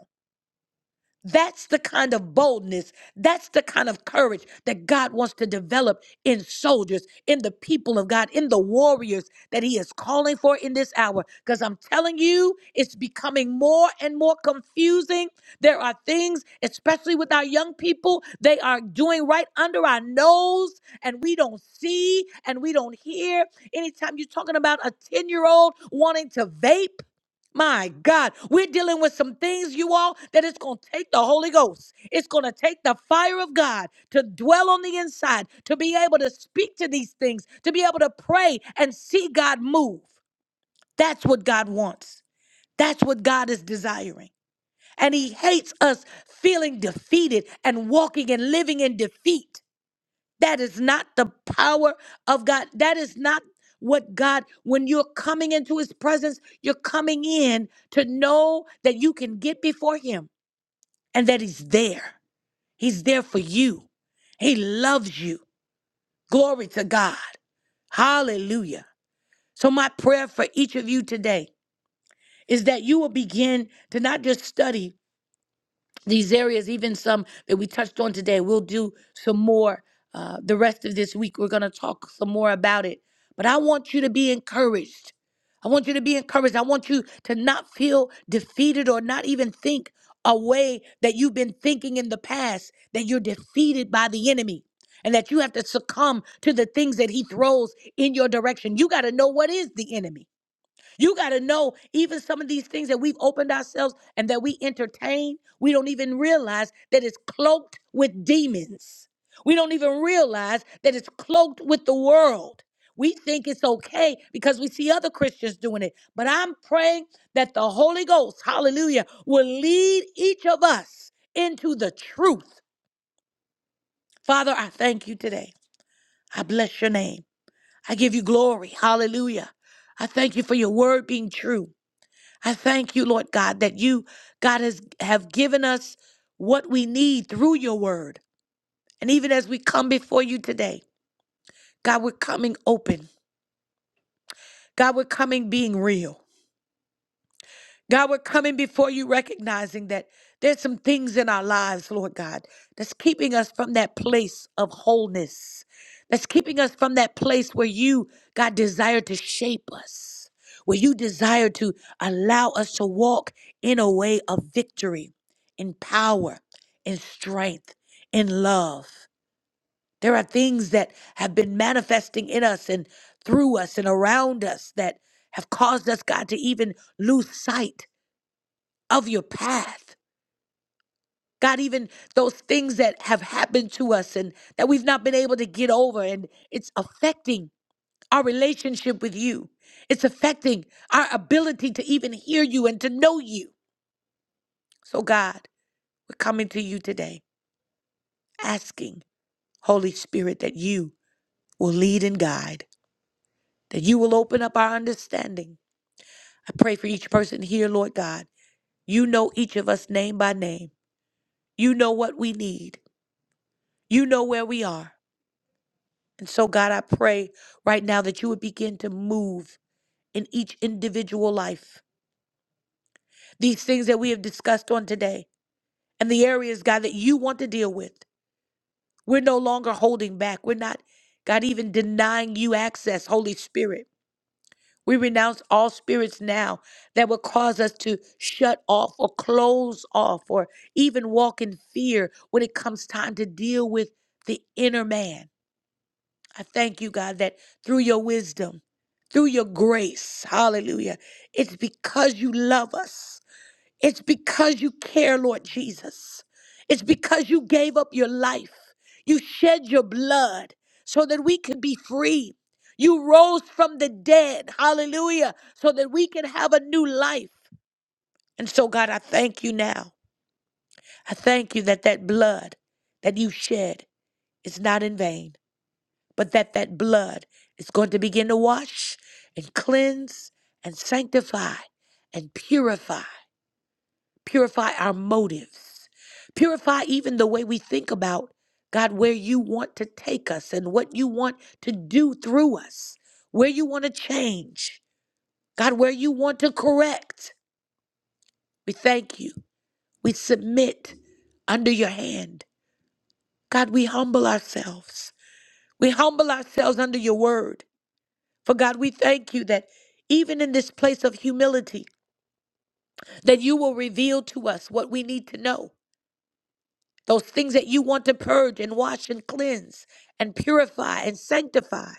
A: That's the kind of boldness, that's the kind of courage that God wants to develop in soldiers, in the people of God, in the warriors that He is calling for in this hour. Because I'm telling you, it's becoming more and more confusing. There are things, especially with our young people, they are doing right under our nose, and we don't see and we don't hear. Anytime you're talking about a 10 year old wanting to vape, my God, we're dealing with some things, you all, that it's going to take the Holy Ghost. It's going to take the fire of God to dwell on the inside, to be able to speak to these things, to be able to pray and see God move. That's what God wants. That's what God is desiring. And He hates us feeling defeated and walking and living in defeat. That is not the power of God. That is not what God, when you're coming into his presence, you're coming in to know that you can get before him and that he's there. He's there for you. He loves you. Glory to God. Hallelujah. So, my prayer for each of you today is that you will begin to not just study these areas, even some that we touched on today. We'll do some more uh, the rest of this week. We're going to talk some more about it. But I want you to be encouraged. I want you to be encouraged. I want you to not feel defeated or not even think a way that you've been thinking in the past that you're defeated by the enemy and that you have to succumb to the things that he throws in your direction. You got to know what is the enemy. You got to know even some of these things that we've opened ourselves and that we entertain, we don't even realize that it's cloaked with demons. We don't even realize that it's cloaked with the world. We think it's okay because we see other Christians doing it. But I'm praying that the Holy Ghost, hallelujah, will lead each of us into the truth. Father, I thank you today. I bless your name. I give you glory. Hallelujah. I thank you for your word being true. I thank you, Lord God, that you, God, has have given us what we need through your word. And even as we come before you today, God, we're coming open. God, we're coming being real. God, we're coming before you recognizing that there's some things in our lives, Lord God, that's keeping us from that place of wholeness, that's keeping us from that place where you, God, desire to shape us, where you desire to allow us to walk in a way of victory, in power, in strength, in love. There are things that have been manifesting in us and through us and around us that have caused us, God, to even lose sight of your path. God, even those things that have happened to us and that we've not been able to get over, and it's affecting our relationship with you. It's affecting our ability to even hear you and to know you. So, God, we're coming to you today, asking, Holy Spirit, that you will lead and guide, that you will open up our understanding. I pray for each person here, Lord God. You know each of us name by name. You know what we need. You know where we are. And so, God, I pray right now that you would begin to move in each individual life. These things that we have discussed on today and the areas, God, that you want to deal with. We're no longer holding back. We're not, God, even denying you access, Holy Spirit. We renounce all spirits now that would cause us to shut off or close off or even walk in fear when it comes time to deal with the inner man. I thank you, God, that through your wisdom, through your grace, hallelujah, it's because you love us. It's because you care, Lord Jesus. It's because you gave up your life. You shed your blood so that we could be free. You rose from the dead, hallelujah, so that we can have a new life. And so, God, I thank you now. I thank you that that blood that you shed is not in vain but that that blood is going to begin to wash and cleanse and sanctify and purify purify our motives purify even the way we think about god where you want to take us and what you want to do through us where you want to change god where you want to correct we thank you we submit under your hand god we humble ourselves we humble ourselves under your word For God, we thank you that even in this place of humility, that you will reveal to us what we need to know. Those things that you want to purge and wash and cleanse and purify and sanctify.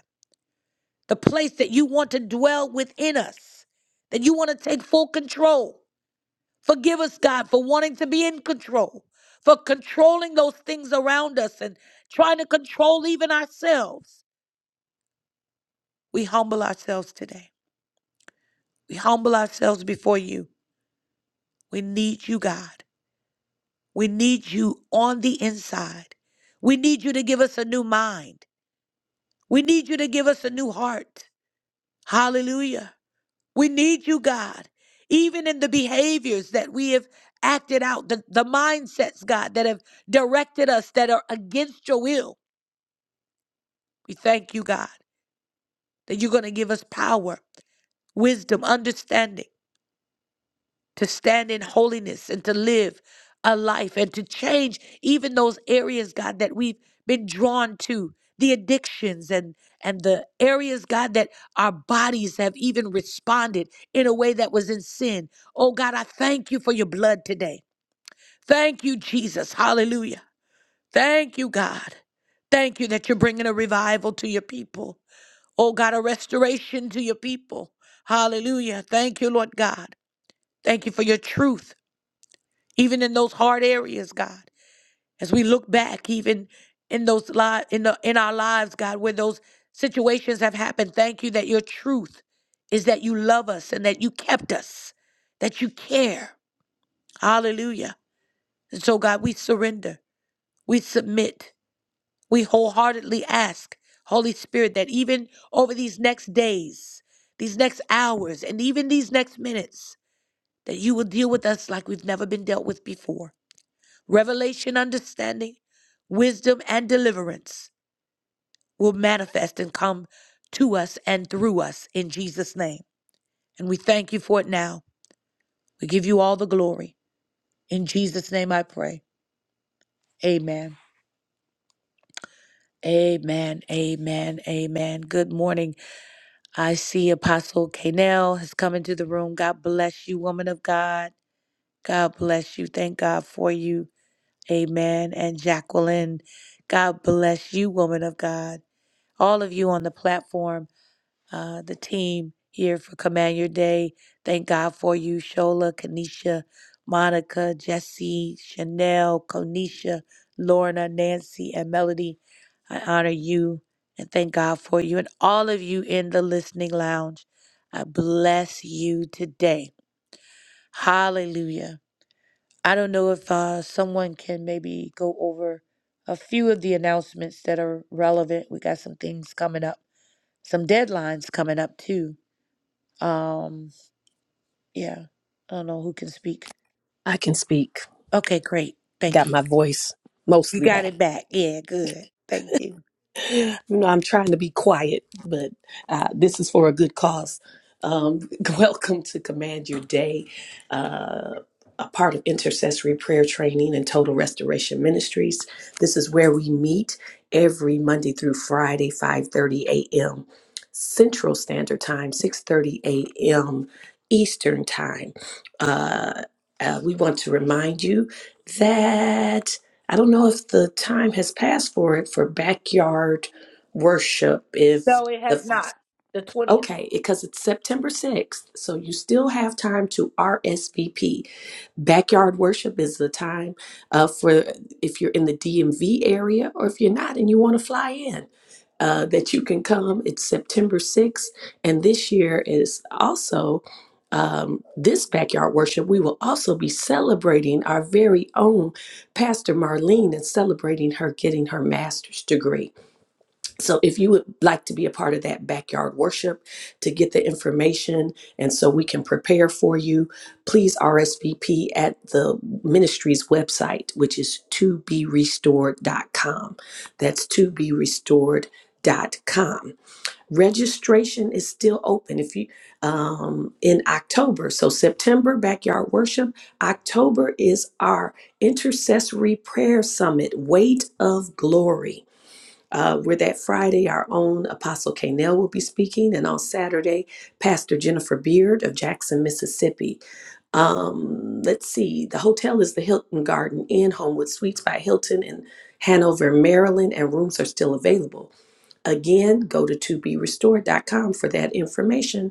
A: The place that you want to dwell within us, that you want to take full control. Forgive us, God, for wanting to be in control, for controlling those things around us and trying to control even ourselves. We humble ourselves today. We humble ourselves before you. We need you, God. We need you on the inside. We need you to give us a new mind. We need you to give us a new heart. Hallelujah. We need you, God, even in the behaviors that we have acted out, the, the mindsets, God, that have directed us that are against your will. We thank you, God, that you're going to give us power, wisdom, understanding to stand in holiness and to live a life and to change even those areas god that we've been drawn to the addictions and and the areas god that our bodies have even responded in a way that was in sin oh god i thank you for your blood today thank you jesus hallelujah thank you god thank you that you're bringing a revival to your people oh god a restoration to your people hallelujah thank you lord god thank you for your truth even in those hard areas, God. As we look back, even in those li- in the in our lives, God, where those situations have happened, thank you that your truth is that you love us and that you kept us, that you care. Hallelujah. And so, God, we surrender, we submit, we wholeheartedly ask, Holy Spirit, that even over these next days, these next hours, and even these next minutes, that you will deal with us like we've never been dealt with before Revelation, understanding, wisdom, and deliverance will manifest and come to us and through us in Jesus' name. And we thank you for it now. We give you all the glory. In Jesus' name I pray. Amen. Amen. Amen. Amen. Good morning. I see Apostle Kanell has come into the room. God bless you, woman of God. God bless you. Thank God for you. Amen. And Jacqueline, God bless you, woman of God. all of you on the platform, uh, the team here for Command Your Day. Thank God for you, Shola, Kanisha, Monica, Jesse, Chanel, Konisha, Lorna, Nancy, and Melody. I honor you and thank God for you and all of you in the listening lounge. I bless you today. Hallelujah. I don't know if uh, someone can maybe go over a few of the announcements that are relevant. We got some things coming up some deadlines coming up too. Um, yeah, I don't know who can speak.
B: I can speak.
A: Okay, great.
B: Got
A: Thank you.
B: my voice
A: You
B: mostly
A: got
B: back.
A: it back. Yeah, good. Thank you.
B: You know, I'm trying to be quiet, but uh, this is for a good cause. Um, welcome to Command Your Day, uh, a part of intercessory prayer training and total restoration ministries. This is where we meet every Monday through Friday, 5:30 a.m. Central Standard Time, 6:30 a.m. Eastern Time. Uh, uh, we want to remind you that I don't know if the time has passed for it for backyard worship. If
A: No, it
B: the
A: has not. The 20th.
B: Okay, because it's September 6th, so you still have time to RSVP. Backyard worship is the time uh, for if you're in the DMV area or if you're not and you want to fly in, uh, that you can come. It's September 6th, and this year is also um, this backyard worship. We will also be celebrating our very own Pastor Marlene and celebrating her getting her master's degree. So, if you would like to be a part of that backyard worship to get the information and so we can prepare for you, please RSVP at the ministry's website, which is to be restored dot com. That's to be restored dot com. Registration is still open if you um, in October. So September backyard worship, October is our intercessory prayer summit, weight of glory uh, where that Friday, our own Apostle Kanell will be speaking, and on Saturday, Pastor Jennifer Beard of Jackson, Mississippi. Um, let's see, the hotel is the Hilton Garden Inn, Homewood Suites by Hilton in Hanover, Maryland, and rooms are still available. Again, go to toberestored.com for that information.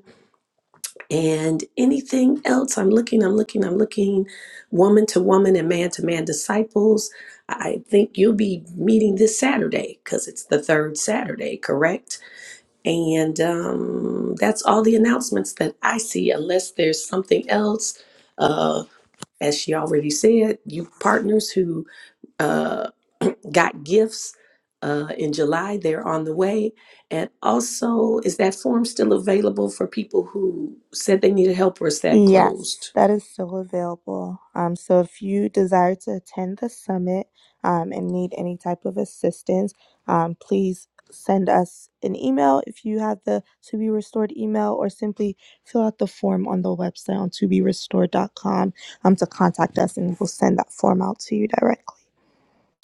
B: And anything else? I'm looking, I'm looking, I'm looking, woman to woman and man to man disciples. I think you'll be meeting this Saturday because it's the third Saturday, correct? And um, that's all the announcements that I see, unless there's something else. Uh, as she already said, you partners who uh, got gifts uh, in July. They're on the way. And also, is that form still available for people who said they needed help or is that
D: Yes,
B: closed?
D: that is still available. Um, so if you desire to attend the summit um, and need any type of assistance, um, please send us an email if you have the To Be Restored email, or simply fill out the form on the website on to be restored dot com. um, to contact us, and we'll send that form out to you directly.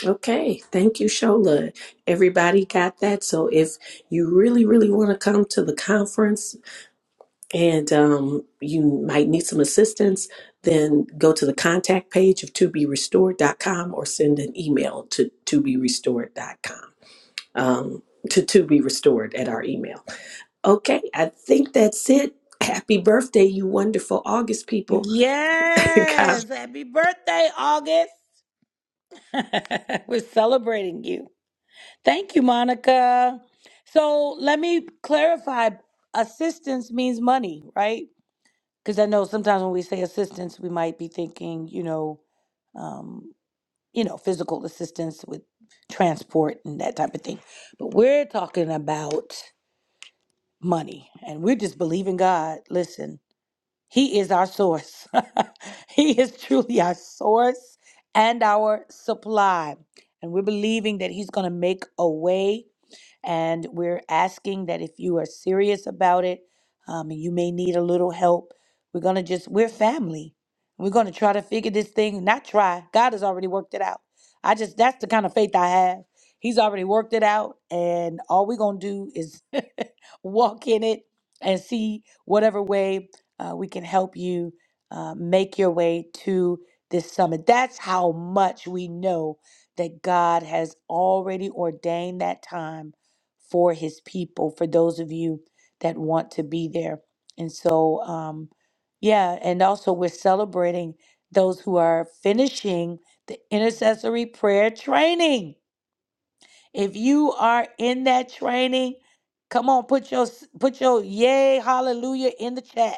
B: Okay, thank you, Shola. Everybody got that. So if you really, really want to come to the conference and um, you might need some assistance, then go to the contact page of to be restored dot com or send an email to to be restored dot com. um, to, to be restored at our email. Okay, I think that's it. Happy birthday, you wonderful August people. God
A: Yes. Happy birthday, August. We're celebrating you. Thank you, Monica. So let me clarify assistance means money, right? Because I know sometimes when we say assistance, we might be thinking, you know, um, you know, physical assistance with transport and that type of thing. But we're talking about money and we're just believing God. Listen, he is our source. he is truly our source and our supply. And we're believing that He's going to make a way. And we're asking that if you are serious about it, um, and you may need a little help, we're going to just, we're family. We're going to try to figure this thing, not try. God has already worked it out. I just, that's the kind of faith I have. He's already worked it out. And all we're going to do is walk in it and see whatever way uh, we can help you uh, make your way to this summit. That's how much we know that God has already ordained that time for his people, for those of you that want to be there. And so, um, yeah, and also we're celebrating those who are finishing the intercessory prayer training. If you are in that training, come on, put your put your yay hallelujah in the chat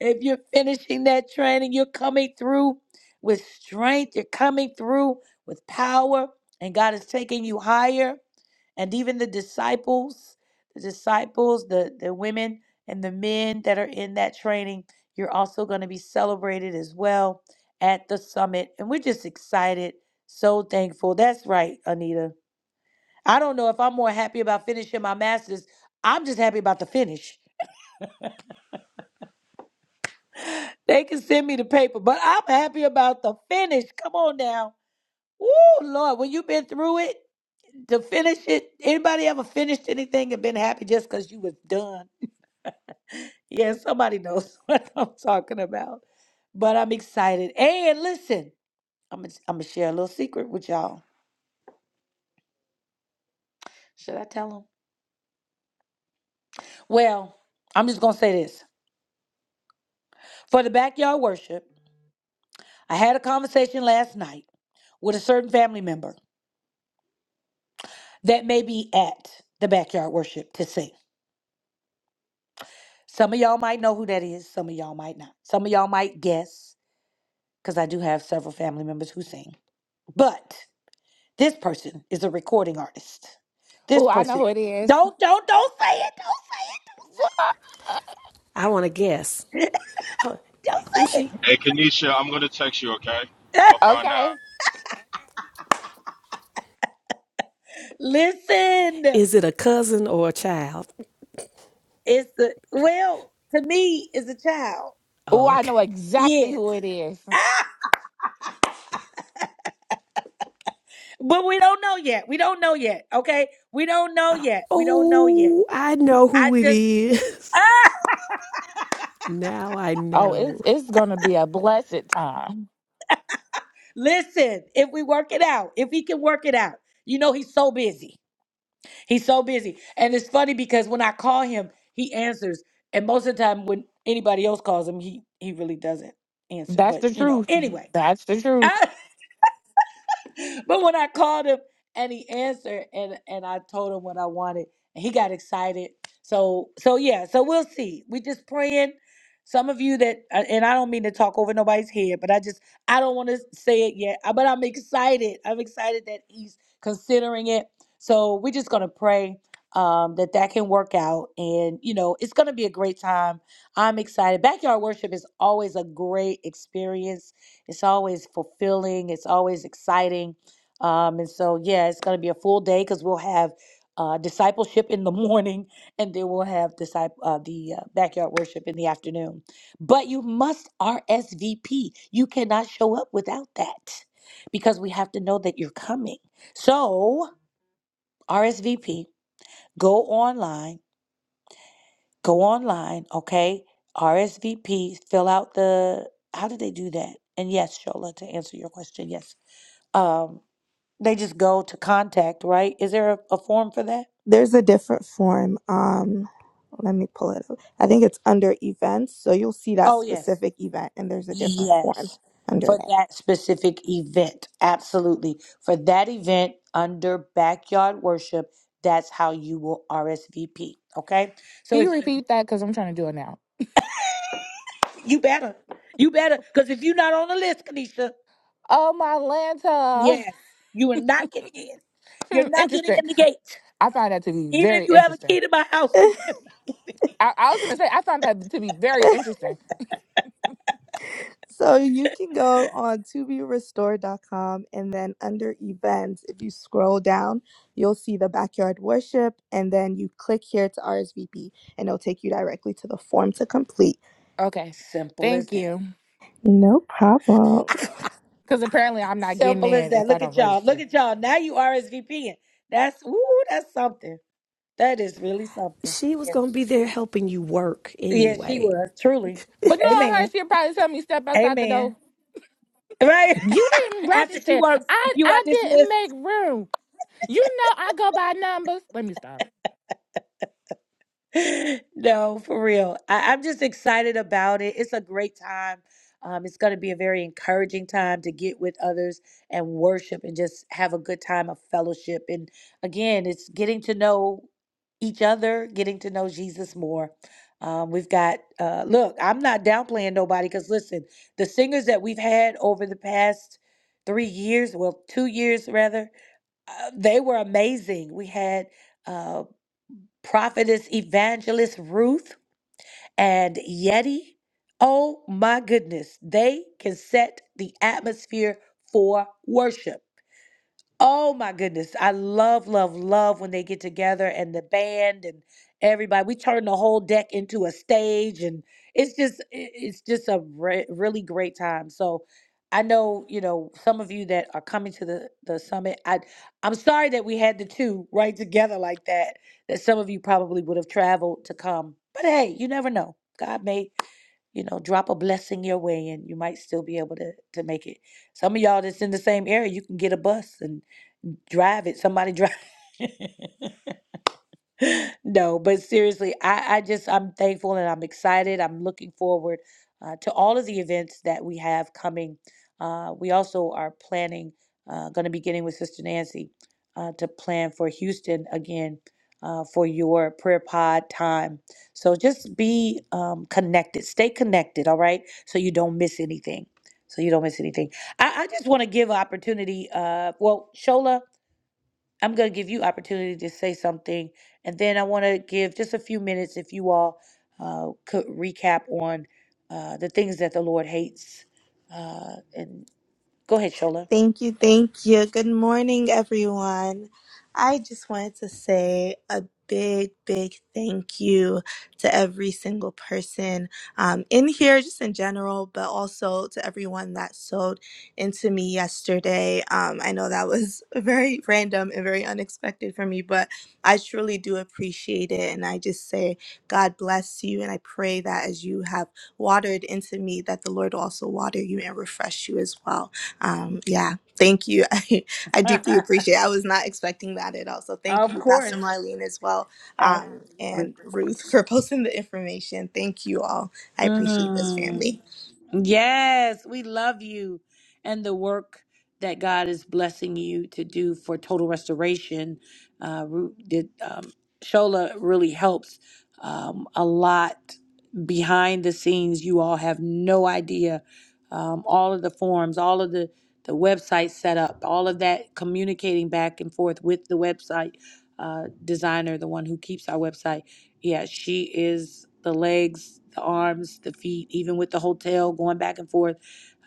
A: if you're finishing that training, you're coming through with strength, you're coming through with power, and God is taking you higher. And even the disciples, the disciples, the, the women and the men that are in that training, you're also going to be celebrated as well at the summit. And we're just excited, so thankful. That's right, Anita. I don't know if I'm more happy about finishing my master's. I'm just happy about the finish. They can send me the paper, but I'm happy about the finish. Come on now. Woo, Lord, when you've been through it, to finish it, anybody ever finished anything and been happy just because you was done? Yeah, somebody knows what I'm talking about. But I'm excited. And listen, I'm going I'm gonna share a little secret with y'all. Should I tell them? Well, I'm just gonna say this. For the backyard worship, I had a conversation last night with a certain family member that may be at the backyard worship to sing. Some of y'all might know who that is, some of y'all might not. Some of y'all might guess, because I do have several family members who sing. But this person is a recording artist. This
C: Oh, I know
A: person,
C: who it is.
A: don't, don't, don't say it,
B: I want to guess.
A: don't say it,
B: Huh,
A: don't
B: Is
A: say
B: she?
A: it.
E: Hey, Kenesha, I'm gonna text you, okay? I'm gonna find out.
C: okay.
A: Listen,
B: Is it a cousin or a child?
A: it's the, well, to me, is a child.
C: Oh, I know
B: Okay.
C: exactly
A: Yes,
C: who it is.
A: but we don't know yet. We don't know yet. Okay, we don't know yet. We don't know yet.
B: Oh, I know
A: I
B: who it
A: just
B: is. Now I
C: Oh, it's
B: know.
C: it's gonna be a blessed time.
A: Listen, if we work it out, if he can work it out, you know he's so busy. He's so busy. And it's funny because when I call him, he answers. And most of the time when anybody else calls him, he he really doesn't answer.
C: That's
A: But
C: the
A: you know,
C: truth.
A: anyway.
C: That's the truth.
A: but when I called him and he answered and and I told him what I wanted, and he got excited. So so yeah, so we'll see. We just praying. Some of you that uh, and I don't mean to talk over nobody's head, but I just I don't want to say it yet. uh, But I'm excited. I'm excited that he's considering it. So we're just gonna pray um, that that can work out, and you know it's gonna be a great time. I'm excited. Backyard worship is always a great experience it's always fulfilling. It's always exciting. Um, and so, yeah, it's going to be a full day because we'll have uh, discipleship in the morning, and then we'll have disciple uh, the uh, backyard worship in the afternoon. But you must RSVP. You cannot show up without that because we have to know that you're coming. So RSVP. Go online. Go online. Okay. RSVP. Fill out the. How do they do that? And yes, Shola, to answer your question, yes um, they just go to contact, right? Is there a, a form for that?
D: There's a different form. Um, let me pull it up. I think it's under events. So you'll see that
A: Oh, yes.
D: specific event, and there's a different form
A: Yes.
D: under
A: For that specific event. Absolutely. For that event under backyard worship, that's how you will RSVP. Okay?
C: Can
A: So
C: you
A: if
C: repeat that? Because I'm trying to do it now.
A: you better, you better, because if you're not on the list, Kanisha,
C: Oh, my Lanta.
A: yes, you are not getting in. You're
C: Hmm,
A: not getting
C: interesting.
A: in the gate.
C: I found that to be
A: Even
C: very
A: if you have a
C: interesting.
A: key to my house, you
D: that.
A: can.
C: I, I was going to say, I found that to be very interesting.
D: So you can go on to be restored dot com and then under events, if you scroll down, you'll see the backyard worship and then you click here to RSVP and it'll take you directly to the form to complete.
C: Okay.
A: Simple as
C: Thank
A: that.
C: you.
D: No problem.
C: Because apparently I'm not getting
A: Simple as
C: in
A: that.
C: if I
A: Look
C: don't
A: at y'all. Look
C: register.
A: at y'all. Now you RSVPing. That's ooh, that's something. That is really something.
B: She was
A: Yeah.
B: going to be there helping you work
A: Yeah, she
B: anyway.
A: was truly.
C: But no, her
A: Amen.
C: she'll probably tell me step outside the
A: Amen.
C: door.
A: Right
C: You didn't
A: after she
C: register.
A: works,
C: I
A: you are
C: I didn't
A: dismissed.
C: make room. You know I go by numbers. Let me stop.
A: No, for real. I, I'm just excited about it. It's a great time. Um, it's going to be a very encouraging time to get with others and worship and just have a good time of fellowship. And again, it's getting to know each other, getting to know Jesus more. Um, we've got, uh, look, I'm not downplaying nobody because listen, the singers that we've had over the past three years, well, two years rather, uh, they were amazing. We had. uh, prophetess evangelist Ruth and Yeti. Oh my goodness, they can set the atmosphere for worship. Oh my goodness. I love, love, love when they get together and the band and everybody. We turn the whole deck into a stage and it's just i- it's just a re- really great time. So I know, you know, some of you that are coming to the the summit. I I'm sorry that we had the two right together like that. That some of you probably would have traveled to come. But hey, you never know. God may, you know, drop a blessing your way and you might still be able to to make it. Some of y'all that's in the same area, you can get a bus and drive it. Somebody drive. no, but seriously, I, I just I'm thankful and I'm excited. I'm looking forward uh, to all of the events that we have coming. Uh, we also are planning, uh, going to be getting with Sister Nancy uh, to plan for Houston again uh, for your prayer pod time. So just be um, connected, stay connected, all right, so you don't miss anything. So you don't miss anything. I, I just want to give opportunity. Uh, well, Shola, I'm going to give you opportunity to say something, and then I want to give just a few minutes if you all uh, could recap on uh, the things that the Lord hates. Uh, and go ahead, Shola.
D: Thank you, thank you. Good morning, everyone. I just wanted to say a big, big thank you to every single person um, in here, just in general, but also to everyone that sewed into me yesterday. Um, I know that was very random and very unexpected for me, but I truly do appreciate it. And I just say, God bless you. And I pray that as you have watered into me, that the Lord will also water you and refresh you as well. Um, yeah, thank you. I, I deeply appreciate it. I was not expecting that at all. So thank
A: Of
D: you, Pastor
A: course.
D: Marlene, as well,
A: Ab-
D: um, and Ruth for posting the information. Thank you all. I appreciate this
A: Mhm.
D: family.
A: Yes, we love you and the work that God is blessing you to do for total restoration. Uh, Ru- did um, Shola really helps um, a lot behind the scenes. You all have no idea um, all of the forms, all of the the website setup, all of that communicating back and forth with the website uh, designer, the one who keeps our website yeah, she is the legs, the arms, the feet, even with the hotel going back and forth,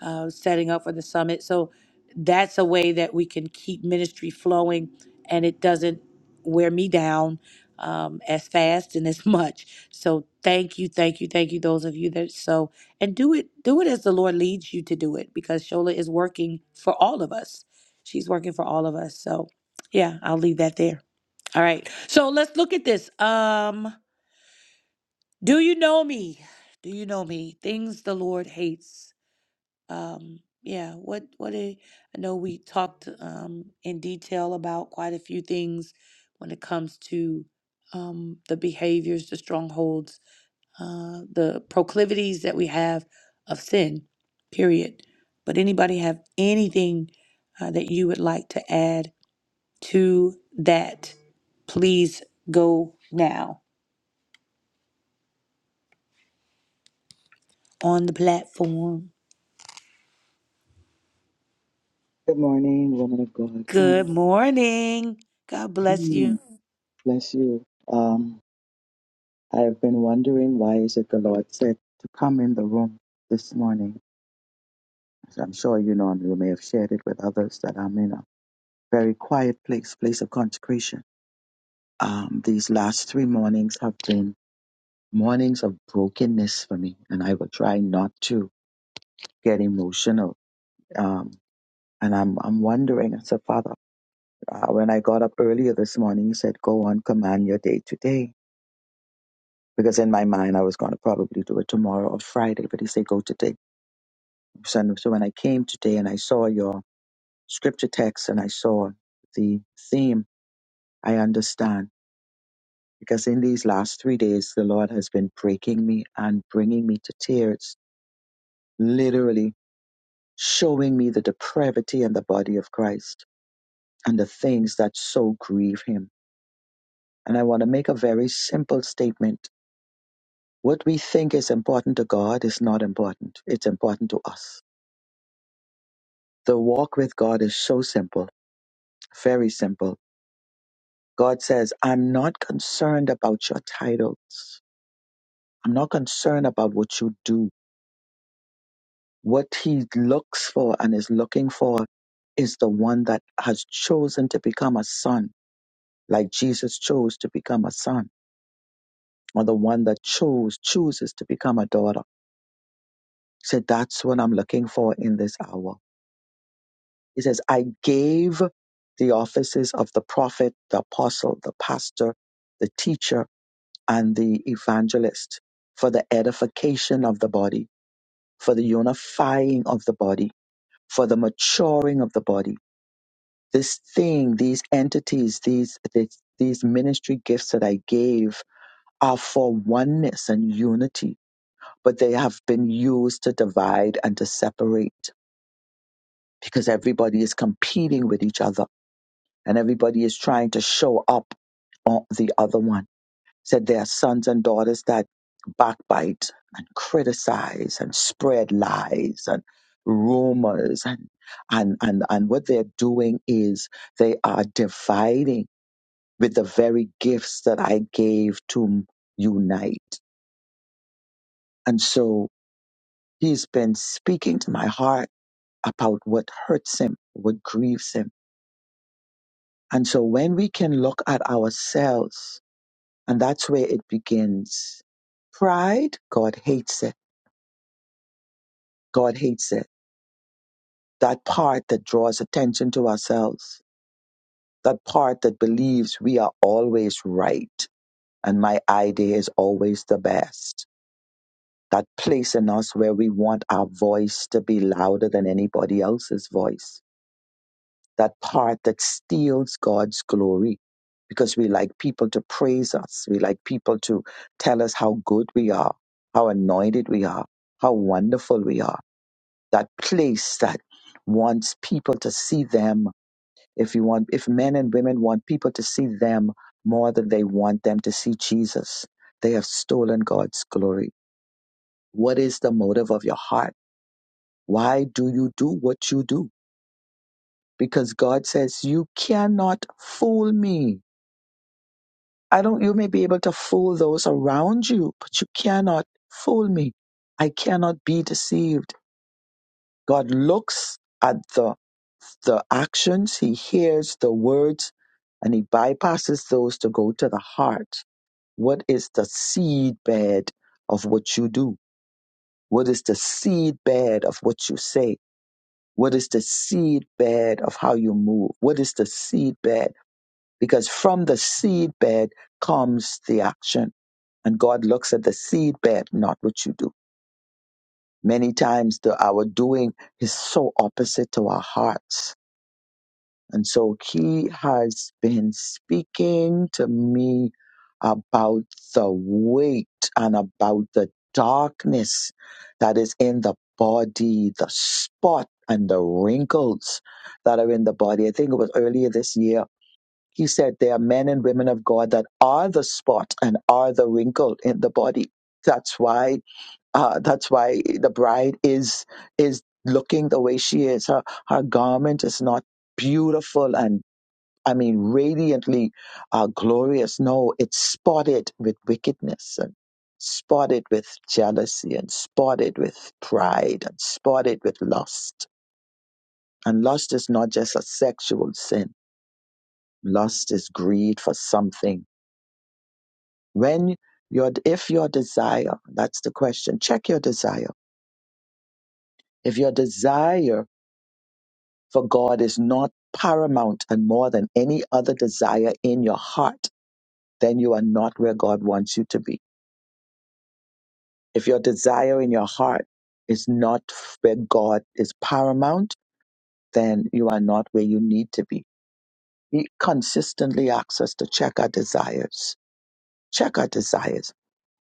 A: uh, setting up for the summit. So that's a way that we can keep ministry flowing and it doesn't wear me down um, as fast and as much. So thank you, thank you, thank you, those of you that so and do it, do it as the Lord leads you to do it because Shola is working for all of us. She's working for all of us. So yeah, I'll leave that there. All right. So let's look at this. Um do you know me? Do you know me? Things the Lord hates. Um, yeah, what what a, I know we talked um in detail about quite a few things when it comes to um the behaviors, the strongholds, uh the proclivities that we have of sin. Period. But anybody have anything uh, that you would like to add to that? Please go now on the platform.
F: Good morning, woman of God.
A: Good
F: Um,
A: morning. God bless
F: mm,
A: you.
F: bless you. Um, I have been wondering why is it the Lord said to come in the room this morning. As I'm sure you know, and you may have shared it with others that I'm in a very quiet place, place of consecration. Um, these last three mornings have been mornings of brokenness for me, and I will try not to get emotional. Um, and I'm I'm wondering. I said, Father, uh, when I got up earlier this morning, He said, "Go on, command your day today." because in my mind I was going to probably do it tomorrow or Friday. But he said, go today, son. So when I came today and I saw your scripture text and I saw the theme, I understand. Because in these last three days, the Lord has been breaking me and bringing me to tears, literally showing me the depravity in the body of Christ and the things that so grieve him. And I want to make a very simple statement. What we think is important to God is not important. It's important to us The walk with God is so simple, very simple. God says, I'm not concerned about your titles. I'm not concerned about what you do. What He looks for and is looking for is the one that has chosen to become a son, like Jesus chose to become a son, or the one that chose, chooses to become a daughter. He said, That's what I'm looking for in this hour. He says, I gave the offices of the prophet, the apostle, the pastor, the teacher and the evangelist for the edification of the body, for the unifying of the body, for the maturing of the body. This thing, these entities, these these, these ministry gifts that I gave are for oneness and unity, but they have been used to divide and to separate because everybody is competing with each other and everybody is trying to show up on the other one said there are sons and daughters that backbite and criticize and spread lies and rumors and and and, and what they're doing is they are dividing with the very gifts that I gave to unite. And so he's been speaking to my heart about what hurts him, what grieves him. And so when we can look at ourselves, and that's where it begins. Pride, God hates it God hates it. That part that draws attention to ourselves, that part that believes we are always right and my idea is always the best. That place in us where we want our voice to be louder than anybody else's voice. That part that steals God's glory because we like people to praise us. We like people to tell us how good we are, how anointed we are, how wonderful we are. That place that wants people to see them If you want, if men and women want people to see them more than they want them to see Jesus, they have stolen God's glory. What is the motive of your heart? Why do you do what you do? Because God says, you cannot fool me. I don't, you may be able to fool those around you, but you cannot fool me. I cannot be deceived. God looks at the the actions, he hears the words, and he bypasses those to go to the heart. What is the seed bed of what you do? What is the seed bed of what you say? What is the seed bed of how you move? What is the seed bed? Because from the seed bed comes the action. And God looks at the seed bed, not what you do. Many times the our doing is so opposite to our hearts And so he has been speaking to me about the weight and about the darkness that is in the body, the spot and the wrinkles that are in the body. I think it was earlier this year. He said there are men and women of God that are the spot and are the wrinkle in the body. That's why uh, that's why the bride is is looking the way she is. Her her garment is not beautiful and I mean, radiantly uh, glorious. No, it's spotted with wickedness and spotted with jealousy and spotted with pride and spotted with lust. And lust is not just a sexual sin. Lust is greed for something. When your, if your desire, that's the question, check your desire. If your desire for God is not paramount and more than any other desire in your heart, then you are not where God wants you to be If your desire in your heart is not where God is paramount, then you are not where you need to be. He consistently asks us to check our desires. Check our desires.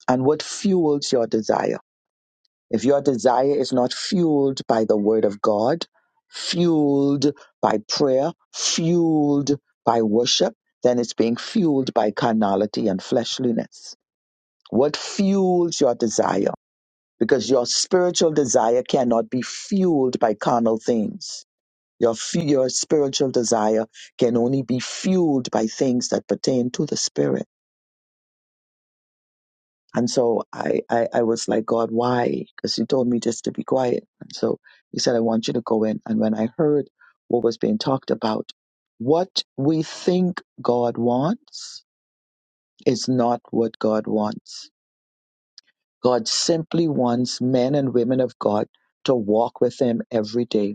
F: And what fuels your desire? If your desire is not fueled by the word of God, fueled by prayer, fueled by worship, then it's being fueled by carnality and fleshliness. What fuels your desire? because your spiritual desire cannot be fueled by carnal things. Your, fu- your spiritual desire can only be fueled by things that pertain to the spirit. And so I, I, I was like, God, why? Because you told me just to be quiet. And so he said, I want you to go in. And when I heard what was being talked about, what we think God wants is not what God wants. God simply wants men and women of God to walk with him every day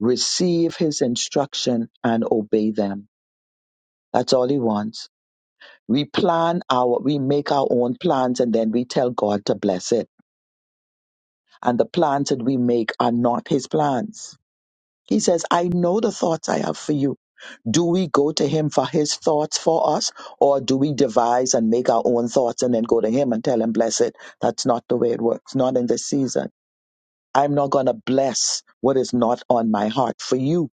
F: receive his instruction and obey them. That's all he wants. We plan our, we make our own plans and then we tell God to bless it. And the plans that we make are not his plans. He says, I know the thoughts I have for you. Do we go to him for his thoughts for us or do we devise and make our own thoughts and then go to him and tell him bless it? That's not the way it works. Not in this season. I'm not going to bless what is not on my heart for you.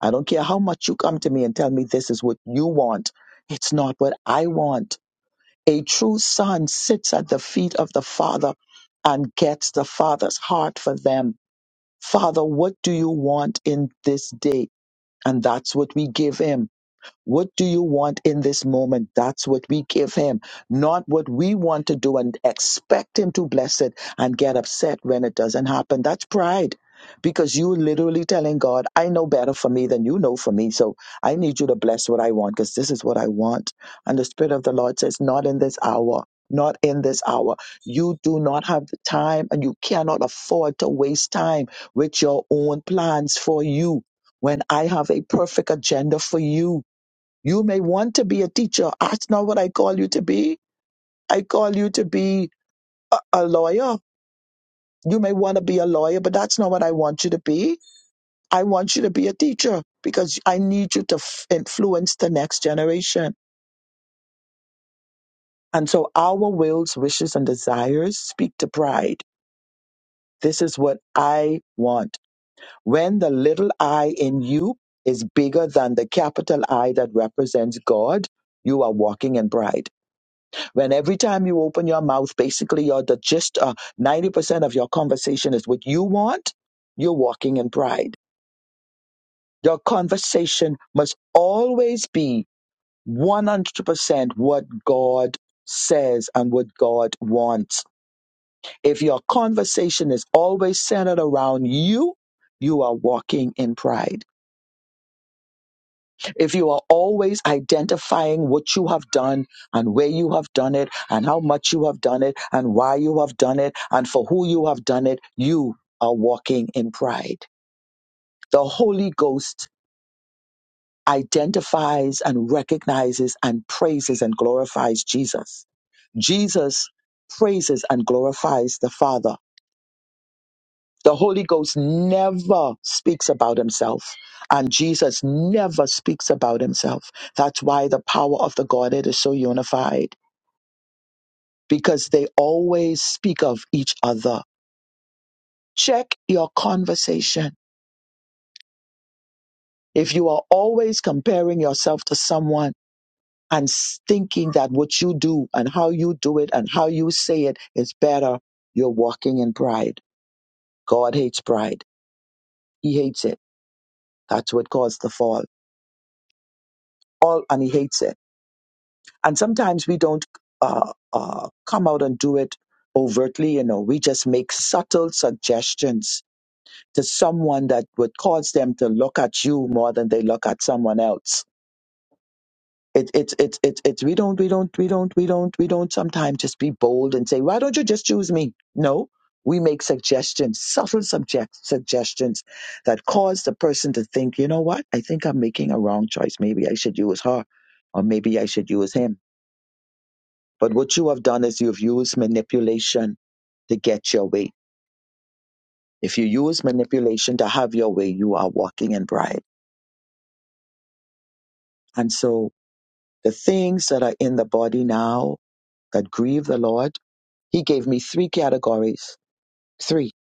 F: I don't care how much you come to me and tell me this is what you want. It's not what I want. A true son sits at the feet of the father and gets the father's heart for them. Father, what do you want in this day? And that's what we give him. What do you want in this moment? That's what we give him, not what we want to do and expect him to bless it and get upset when it doesn't happen. That's pride because you literally telling God, I know better for me than you know for me. So I need you to bless what I want because this is what I want. And the Spirit of the Lord says, not in this hour. Not in this hour. You do not have the time and you cannot afford to waste time with your own plans for you when I have a perfect agenda for you you may want to be a teacher. That's not what I call you to be. I call you to be a, a lawyer. You may want to be a lawyer, but that's not what I want you to be. I want you to be a teacher because I need you to f- influence the next generation. And so our wills, wishes, and desires speak to pride. This is what I want. When the little I in you is bigger than the capital I that represents God, you are walking in pride. when every time you open your mouth, basically you're the gist, uh, 90% of your conversation is what you want, you're walking in pride. Your conversation must always be 100% what God says and what God wants. If your conversation is always centered around you, you are walking in pride. If you are always identifying what you have done and where you have done it and how much you have done it and why you have done it and for who you have done it, you are walking in pride. The Holy Ghost identifies and recognizes and praises and glorifies Jesus. Jesus praises and glorifies the Father The Holy Ghost never speaks about himself, and Jesus never speaks about himself. That's why the power of the Godhead is so unified, because they always speak of each other. Check your conversation. If you are always comparing yourself to someone and s- thinking that what you do and how you do it and how you say it is better, you're walking in pride. God hates pride, He hates it. That's what caused the fall. All, and He hates it And sometimes we don't uh, uh, come out and do it overtly, you know, we just make subtle suggestions to someone that would cause them to look at you more than they look at someone else. It, it, it, it, it, we don't, we don't, we don't, we don't, we don't sometimes just be bold and say, why don't you just choose me? No, we make suggestions, subtle subject, suggestions that cause the person to think, you know what? I think I'm making a wrong choice. Maybe I should use her or maybe I should use him But what you have done is you've used manipulation to get your way. If you use manipulation to have your way, you are walking in pride. And so the things that are in the body now that grieve the Lord, He gave me three categories, three.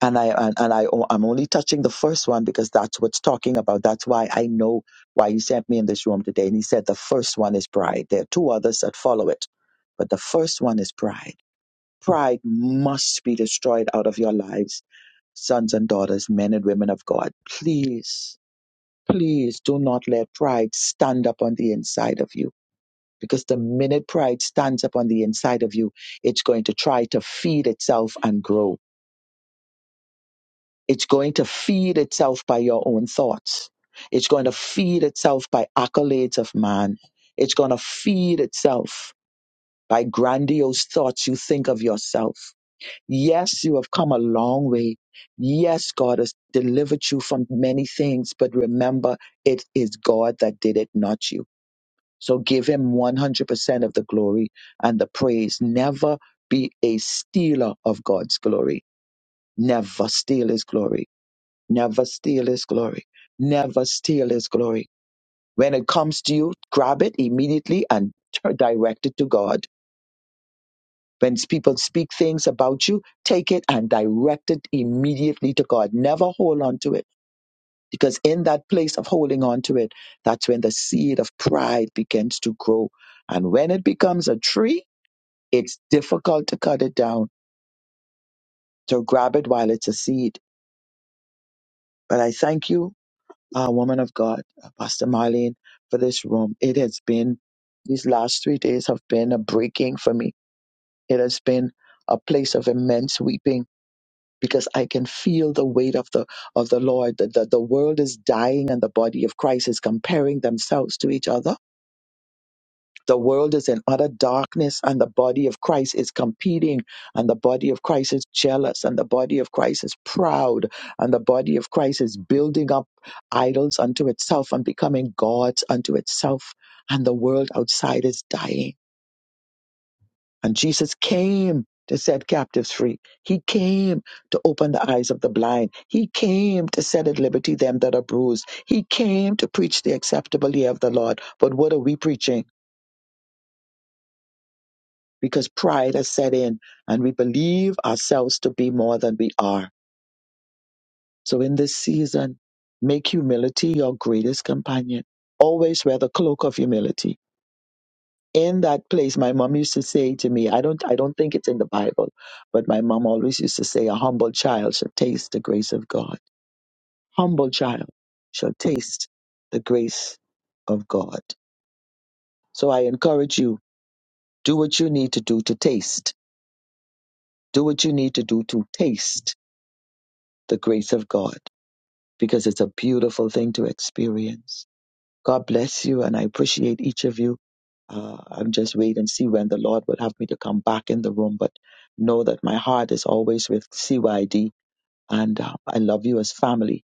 F: And I and, and I oh, I'm only touching the first one because that's what's talking about. That's why I know why He sent me in this room today. And He said the first one is pride. There are two others that follow it, but the first one is pride Pride must be destroyed out of your lives, sons and daughters, men and women of God. Please, please do not let pride stand up on the inside of you. Because the minute pride stands up on the inside of you, it's going to try to feed itself and grow. It's going to feed itself by your own thoughts. It's going to feed itself by accolades of man. It's going to feed itself by grandiose thoughts you think of yourself. Yes, you have come a long way. Yes, God has delivered you from many things, but remember, it is God that did it, not you. So give Him 100% of the glory and the praise. Never be a stealer of God's glory. Never steal His glory. Never steal His glory. Never steal His glory. When it comes to you, grab it immediately and direct it to God When people speak things about you, take it and direct it immediately to God. Never hold on to it. Because in that place of holding on to it, that's when the seed of pride begins to grow. And when it becomes a tree, it's difficult to cut it down. So grab it while it's a seed. But I thank you, uh, woman of God, uh, Pastor Marlene, for this room. It has been, these last three days have been a breaking for me. It has been a place of immense weeping because I can feel the weight of the of the Lord. The, the, the world is dying and the body of Christ is comparing themselves to each other. The world is in utter darkness and the body of Christ is competing and the body of Christ is jealous and the body of Christ is proud and the body of Christ is building up idols unto itself and becoming gods unto itself and the world outside is dying and Jesus came to set captives free. He came to open the eyes of the blind. He came to set at liberty them that are bruised. He came to preach the acceptable year of the Lord. But what are we preaching? Because pride has set in and we believe ourselves to be more than we are. So in this season, make humility your greatest companion. Always wear the cloak of humility in that place my mom used to say to me i don't i don't think it's in the bible but my mom always used to say a humble child shall taste the grace of god humble child shall taste the grace of god so i encourage you do what you need to do to taste do what you need to do to taste the grace of god because it's a beautiful thing to experience god bless you and i appreciate each of you uh, I'm just wait and see when the Lord would have me to come back in the room. But know that my heart is always with CYD, and uh, I love you as family,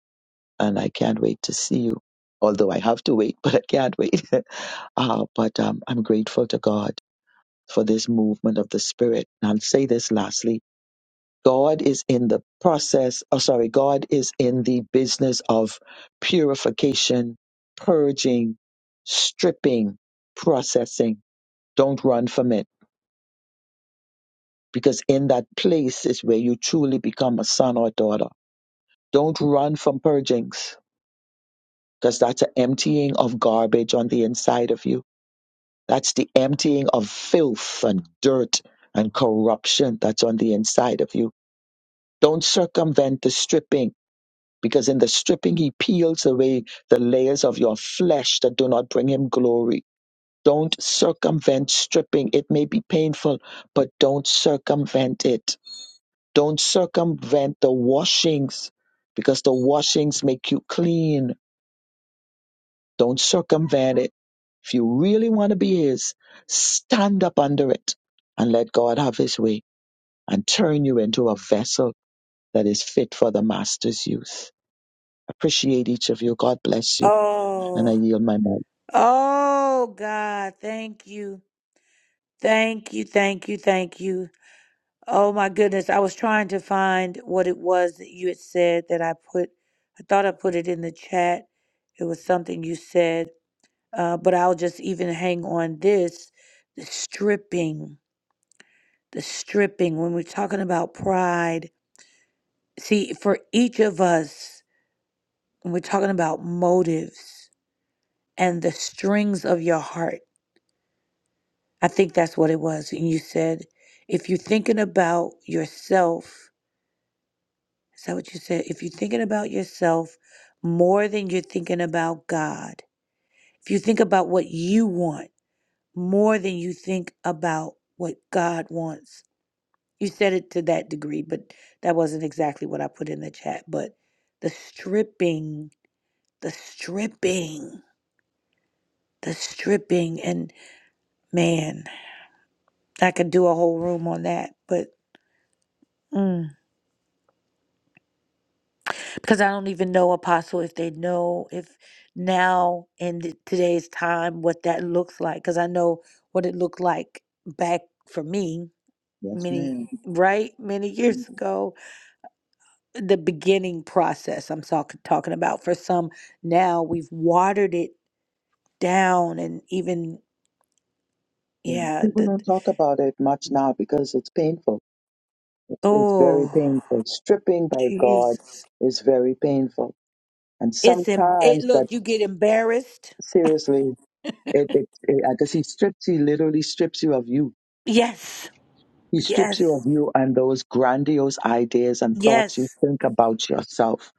F: and I can't wait to see you. Although I have to wait, but I can't wait. uh, but um, I'm grateful to God for this movement of the Spirit. And I'll say this lastly. God is in the process, oh, sorry, God is in the business of purification, purging, stripping, processing. Don't run from it because in that place is where you truly become a son or daughter. Don't run from purgings because that's an emptying of garbage on the inside of you. That's the emptying of filth and dirt and corruption that's on the inside of you. Don't circumvent the stripping because in the stripping, he peels away the layers of your flesh that do not bring him glory. Don't circumvent stripping. It may be painful, but don't circumvent it Don't circumvent the washings because the washings make you clean. Don't circumvent it. If you really want to be His, stand up under it and let God have His way and turn you into a vessel that is fit for the Master's use. Appreciate each of you. God bless you. And I
A: Oh,
F: yield my mic.
A: oh, God, thank you. Thank you, thank you, thank you. Oh, my goodness. I was trying to find what it was that you had said that I put, I thought I put it in the chat. It was something you said, uh, but I'll just even hang on this the stripping, the stripping. When we're talking about pride, see, for each of us, when we're talking about motives, and the strings of your heart. I think that's what it was. And you said, if you're thinking about yourself, is that what you said? If you're thinking about yourself more than you're thinking about God, if you think about what you want more than you think about what God wants, you said it to that degree, but that wasn't exactly what I put in the chat. But the stripping, the stripping, the stripping, and man, I could do a whole room on that, but Mm. Because I don't even know, Apostle, if they know if now in th- today's time what that looks like. Because I know what it looked like back for me
F: Yes,
A: many
F: ma'am.
A: right many years ago. The beginning process I'm talk- talking about for some now we've watered it down and even
F: Yeah.
A: yeah
F: People
A: the
F: don't talk about it much now because it's painful. It's, it's very
A: oh
F: painful. Stripping by God
A: Jesus
F: is very painful. And
A: it's em- it
F: sometimes that.
A: look you get embarrassed
F: seriously, it, it, it, because he strips, he literally strips you of you.
A: yes
F: He strips you of
A: yes
F: you and those grandiose ideas and thoughts you
A: yes
F: think about yourself.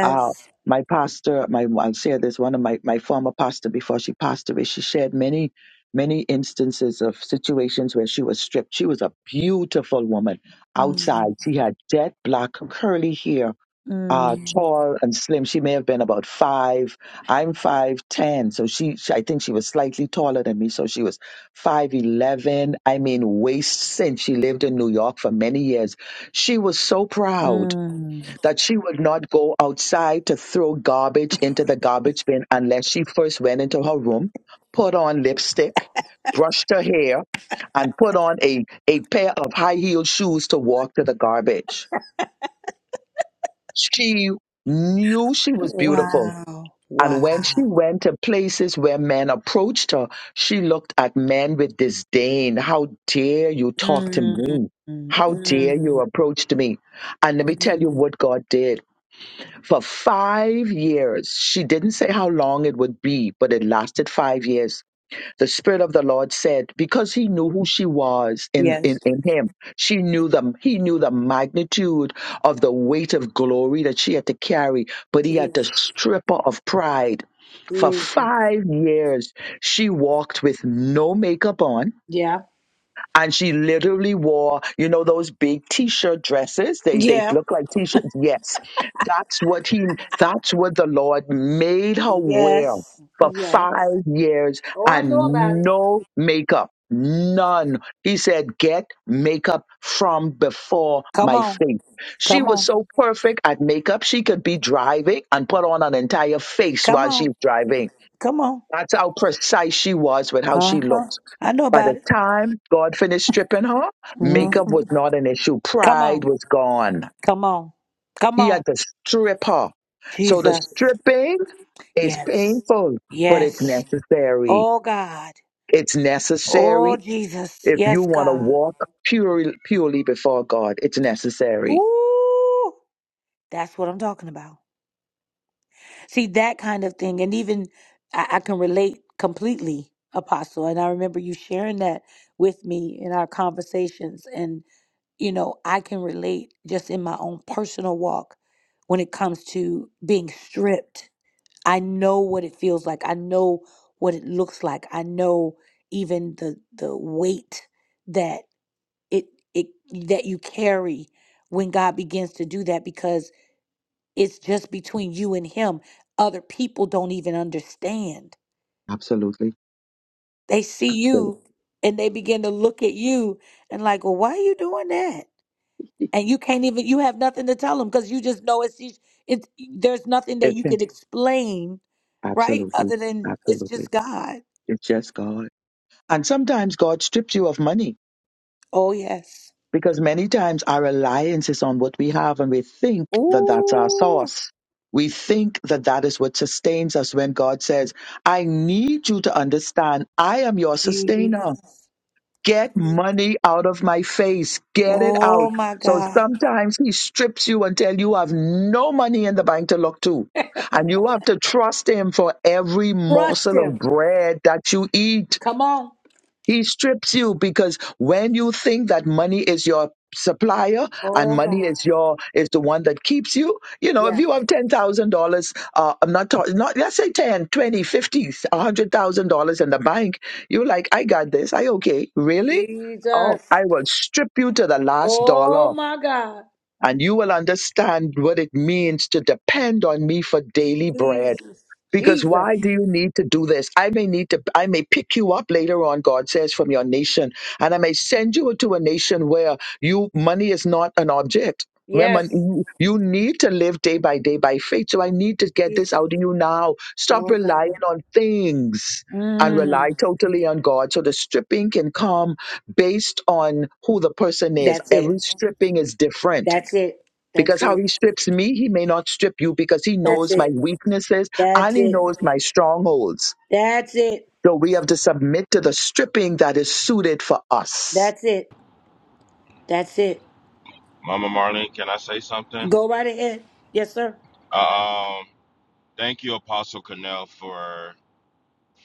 F: Uh, my pastor, my I'll share this. One of my my former pastor before she passed away, she shared many many instances of situations where she was stripped. She was a beautiful woman
A: Mm,
F: outside. She had jet black curly hair uh,
A: mm,
F: tall and slim. She may have been about five. I'm five ten, so she, she I think she was slightly taller than me. So she was five eleven. I mean, waist cinch. She lived in New York for many years. She was so proud
A: mm.
F: that she would not go outside to throw garbage into the garbage bin unless she first went into her room, put on lipstick, brushed her hair, and put on a, a pair of high heeled shoes to walk to the garbage she knew she was beautiful.
A: Wow.
F: And when she
A: Wow.
F: went to places where men approached her, she looked at men with disdain. How dare you talk to
A: Mm,
F: me?
A: mm,
F: How dare you
A: mm,
F: approach to me? And let me tell you
A: mm.
F: what God did. For five years, she didn't say how long it would be, but it lasted five years the spirit of the lord said because he knew who she was in, in,
A: Yes.
F: in him she knew them he knew the magnitude of the weight of glory that she had to carry but he had to
A: Jesus.
F: strip her of pride for
A: Jesus.
F: five years she walked with no makeup on
A: Yeah.
F: and she literally wore you know those big t-shirt dresses they they
A: Yeah.
F: look like t-shirts yes that's what he that's what the lord made her wear
A: Yes.
F: for
A: Yes.
F: five years
A: Oh, I know
F: and
A: about it.
F: no makeup none he said get makeup from before
A: Come
F: my
A: on.
F: face she
A: Come
F: was
A: on.
F: so perfect at makeup she could be driving and put on an entire face
A: Come
F: while she's
A: on.
F: driving
A: Come on.
F: that's how precise she was with how
A: Uh
F: she
A: huh.
F: looked
A: I know
F: by the
A: about it.
F: time God finished stripping her, makeup was
A: Mhm.
F: not an issue.
A: Come
F: Pride
A: on.
F: was gone.
A: Come on. Come
F: He had
A: on.
F: to strip her. So the
A: Jesus.
F: stripping is
A: Yes.
F: painful, but it's
A: Yes.
F: necessary.
A: Oh God.
F: It's
A: Oh
F: necessary
A: Jesus.
F: if you
A: Yes,
F: want to
A: God.
F: walk purely, purely before God. It's necessary.
A: Ooh, that's what I'm talking about. See, that kind of thing. And even I, I can relate completely, Apostle. And I remember you sharing that with me in our conversations. And, you know, I can relate just in my own personal walk when it comes to being stripped. I know what it feels like. I know what it looks like. I know even the the weight that it it that you carry when God begins to do that because. It's just between you and him. Other people don't even understand.
F: Absolutely.
A: They see you and they begin to look at you and like, well, why are you doing that? And you can't even you have nothing to tell them because you just know it's it's there's nothing that you could
F: It's
A: explain, right?
F: Absolutely.
A: Other than it's
F: Absolutely.
A: just God.
F: It's just God. And sometimes God strips you of money.
A: Oh yes.
F: Because many times our reliance is on what we have and we think that that's our
A: Ooh.
F: source. We think that that is what sustains us when God says, I need you to understand I am your sustainer.
A: Jesus.
F: Get money out of my face. Get it out.
A: Oh my
F: So
A: God.
F: sometimes he strips you until you have no money in the bank to look to. And you have to trust him for every
A: Trust
F: morsel of
A: him.
F: bread that you eat.
A: Come on.
F: He strips you because when you think that money is your supplier and
A: Oh
F: money
A: God.
F: is your is the one that keeps you you know if
A: Yeah.
F: you have ten thousand dollars uh i'm not talking not let's say ten twenty fifty a hundred thousand dollars in the bank you're like i got this i okay really oh
A: Jesus.
F: i will strip you to the last dollar
A: Oh my God.
F: and you will understand what it means to depend on me for daily bread
A: Jesus.
F: because
A: Jesus.
F: why do you need to do this? I may need to, I may pick you up later on, God says, from your nation, and I may send you to a nation where you money is not an object. Remember,
A: Yes.
F: you you need to live day by day by faith. So I need to get this
A: Jesus.
F: out of you now. Stop
A: Oh God.
F: relying on things and
A: Mm.
F: rely totally on God. So the stripping can come based on who the person is.
A: That's
F: Every
A: it.
F: stripping is different
A: That's it. That's
F: because
A: it.
F: how he strips me, he may not strip you because he
A: That's
F: knows my
A: it.
F: weaknesses and
A: That's
F: he
A: it.
F: knows my strongholds.
A: That's it.
F: So we have to submit to the stripping that is suited for us.
A: That's it. That's it.
E: Mama Marlene, can I say something?
A: Go right ahead. Yes, sir.
E: Uh, Um, thank you, Apostle Cornell, for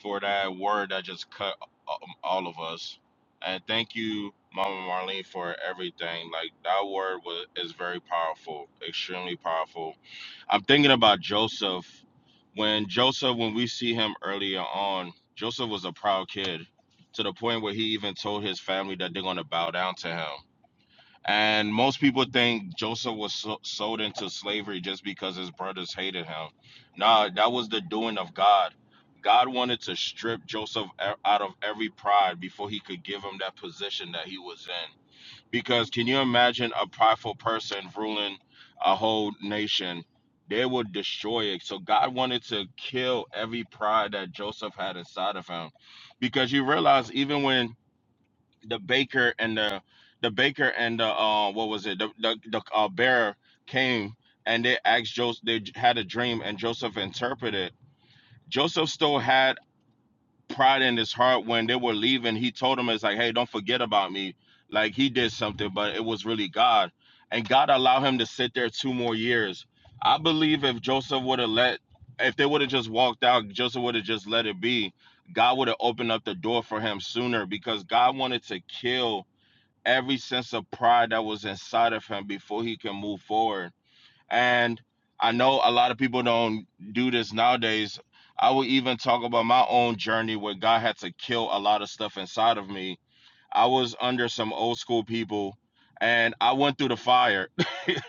E: for that word that just cut um, all of us, and thank you, Mama Marlene, for everything. Like that word was is very powerful, extremely powerful. I'm thinking about Joseph. When Joseph, when we see him earlier on, Joseph was a proud kid to the point where he even told his family that they're gonna bow down to him And most people think Joseph was so- sold into slavery just because his brothers hated him. Nah, that was the doing of God. God wanted to strip Joseph e- out of every pride before he could give him that position that he was in. Because can you imagine a prideful person ruling a whole nation? They would destroy it. So God wanted to kill every pride that Joseph had inside of him. Because you realize, even when the baker and the the baker and the uh, what was it the the, the uh, bearer came and they asked Joseph they had a dream and Joseph interpreted Joseph still had pride in his heart when they were leaving he told them it's like hey don't forget about me like he did something but it was really God and God allowed him to sit there two more years I believe if Joseph would have let if they would have just walked out Joseph would have just let it be God would have opened up the door for him sooner because God wanted to kill every sense of pride that was inside of him before he can move forward. And I know a lot of people don't do this nowadays. I will even talk about my own journey where God had to kill a lot of stuff inside of me. I was under some old school people and I went through the fire.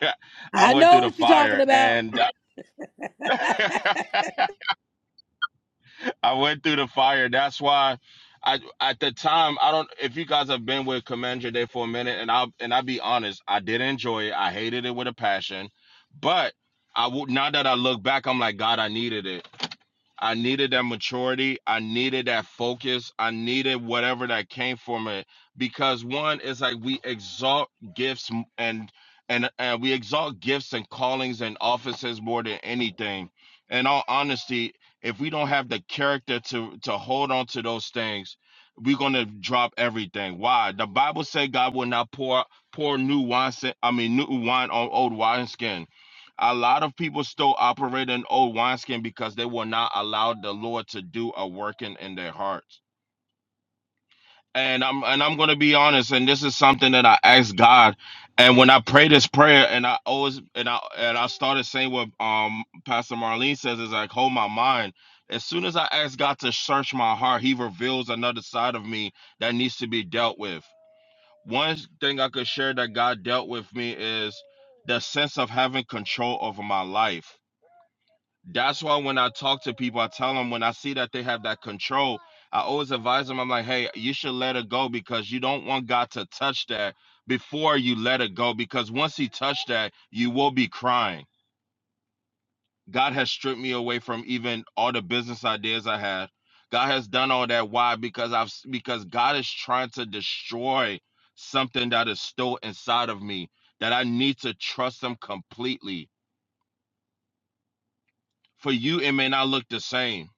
E: I
A: I
E: went through
A: know
E: the
A: what you're talking
E: fire
A: about.
E: and I went through the fire. That's why I at the time I don't if you guys have been with Commander Day for a minute and I'll and I'll be honest, I did enjoy it. I hated it with a passion. But I would now that I look back, I'm like, God, I needed it. I needed that maturity. I needed that focus. I needed whatever that came from it because one is like we exalt gifts m- and and and we exalt gifts and callings and offices more than anything. In all honesty, if we don't have the character to to hold on to those things, we're gonna drop everything. Why? The Bible said God will not pour pour new wine. I mean new wine on old wineskins a lot of people still operate in old wineskin because they were not allowed the Lord to do a working in their hearts. And I'm and I'm gonna be honest, and this is something that I asked God. And when I pray this prayer, and I always and I and I started saying what um Pastor Marlene says is like hold my mind. As soon as I ask God to search my heart, He reveals another side of me that needs to be dealt with. One thing I could share that God dealt with me is the sense of having control over my life that's why when I talk to people, I tell them when I see that they have that control, I always advise them. I'm like, hey, you should let it go because you don't want God to touch that before you let it go. Because once He touched that, you will be crying. God has stripped me away from even all the business ideas I had. God has done all that. Why? Because I've because God is trying to destroy something that is still inside of me that I need to trust Him completely. For you, it may not look the same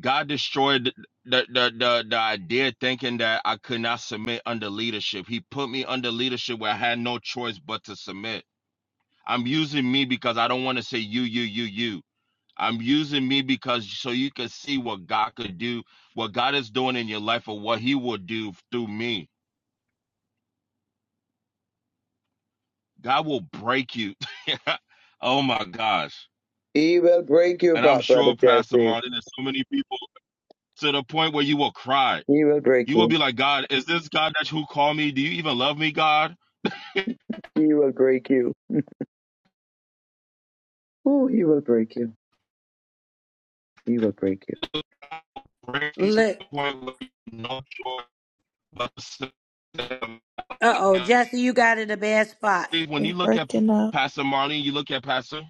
E: God destroyed the, the the the idea thinking that I could not submit under leadership. He put me under leadership where I had no choice but to submit. I'm using me because I don't want to say you, you, you, you. I'm using me because so you can see what God could do, what God is doing in your life, or what He will do through me. God will break you. oh my gosh.
F: He will break you
E: And I'm
F: apart, Brother
E: sure Pastor
F: Jesse.
E: Martin, there's so many people to the point where you will cry
F: He will break
E: You will
F: you.
E: be like, God, is this God that you call me? Do you even love me, God?
F: He will break you. Oh, he will break you.
E: Bring you to
A: Look.
E: the point where you know your blessing.
A: Uh oh, Jesse, you got in a bad spot.
E: When you
D: We're
E: look at
D: Working up.
E: Pastor Marlene, you look at Pastor.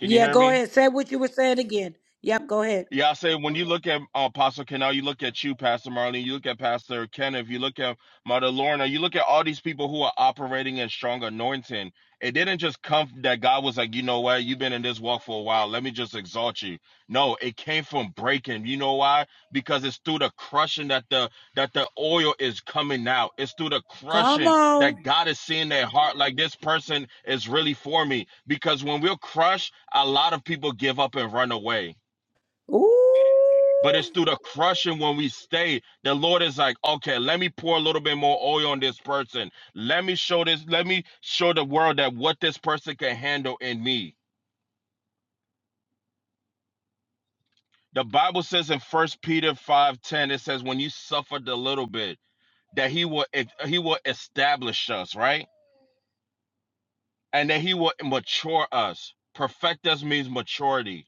E: Can you hear
A: go
E: me?
A: ahead. Say what you were saying again. Yep, go ahead.
E: Yeah, I say when you look at uh, Apostle Canal, you look at you, Pastor Marlene, you look at Pastor Kenneth, you look at Mother Lorna, you look at all these people who are operating in strong anointing. It didn't just come that God was like, you know what, you've been in this walk for a while. Let me just exalt you. No, it came from breaking. You know why? Because it's through the crushing that the that the oil is coming out. It's through the
A: Come
E: crushing
A: on.
E: that God is seeing their heart like this person is really for me. Because when we're crushed, a lot of people give up and run away but
A: Ooh.
E: it's through the crushing when we stay. The Lord is like, okay, let me pour a little bit more oil on this person. Let me show this, let me show the world that what this person can handle in me. The Bible says in First Peter 5:10, it says, when you suffered a little bit, that he will e, he will establish us, right? And that he will mature us. Perfect us means maturity.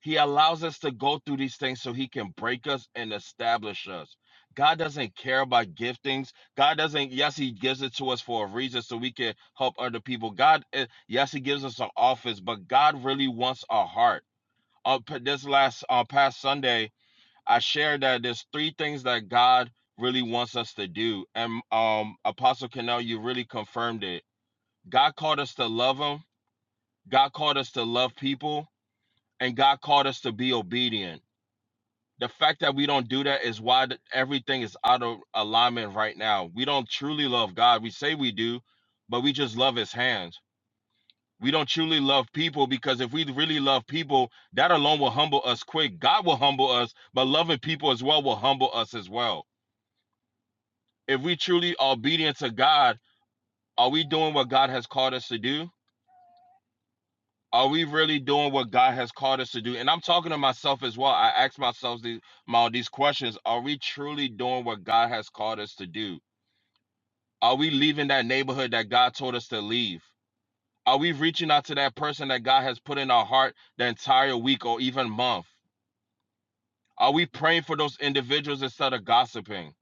E: He allows us to go through these things so he can break us and establish us. God doesn't care about giftings. God doesn't, yes, he gives it to us for a reason so we can help other people. God, eh, yes, he gives us an office, but God really wants our heart. Uh, this last, uh, past Sunday, I shared that there's three things that God really wants us to do. And um, Apostle Canal, you really confirmed it. God called us to love him. God called us to love people and God called us to be obedient the fact that we don't do that is why th- everything is out of alignment right now. We don't truly love God. We say we do, but we just love his hands. We don't truly love people because if we really love people, that alone will humble us quick. God will humble us, but loving people as well will humble us as well. If we truly are obedient to God, are we doing what God has called us to do? Are we really doing what God has called us to do? And I'm talking to myself as well. I ask myself these, my, these questions. Are we truly doing what God has called us to do? Are we leaving that neighborhood that God told us to leave? Are we reaching out to that person that God has put in our heart the entire week or even month? Are we praying for those individuals instead of gossiping?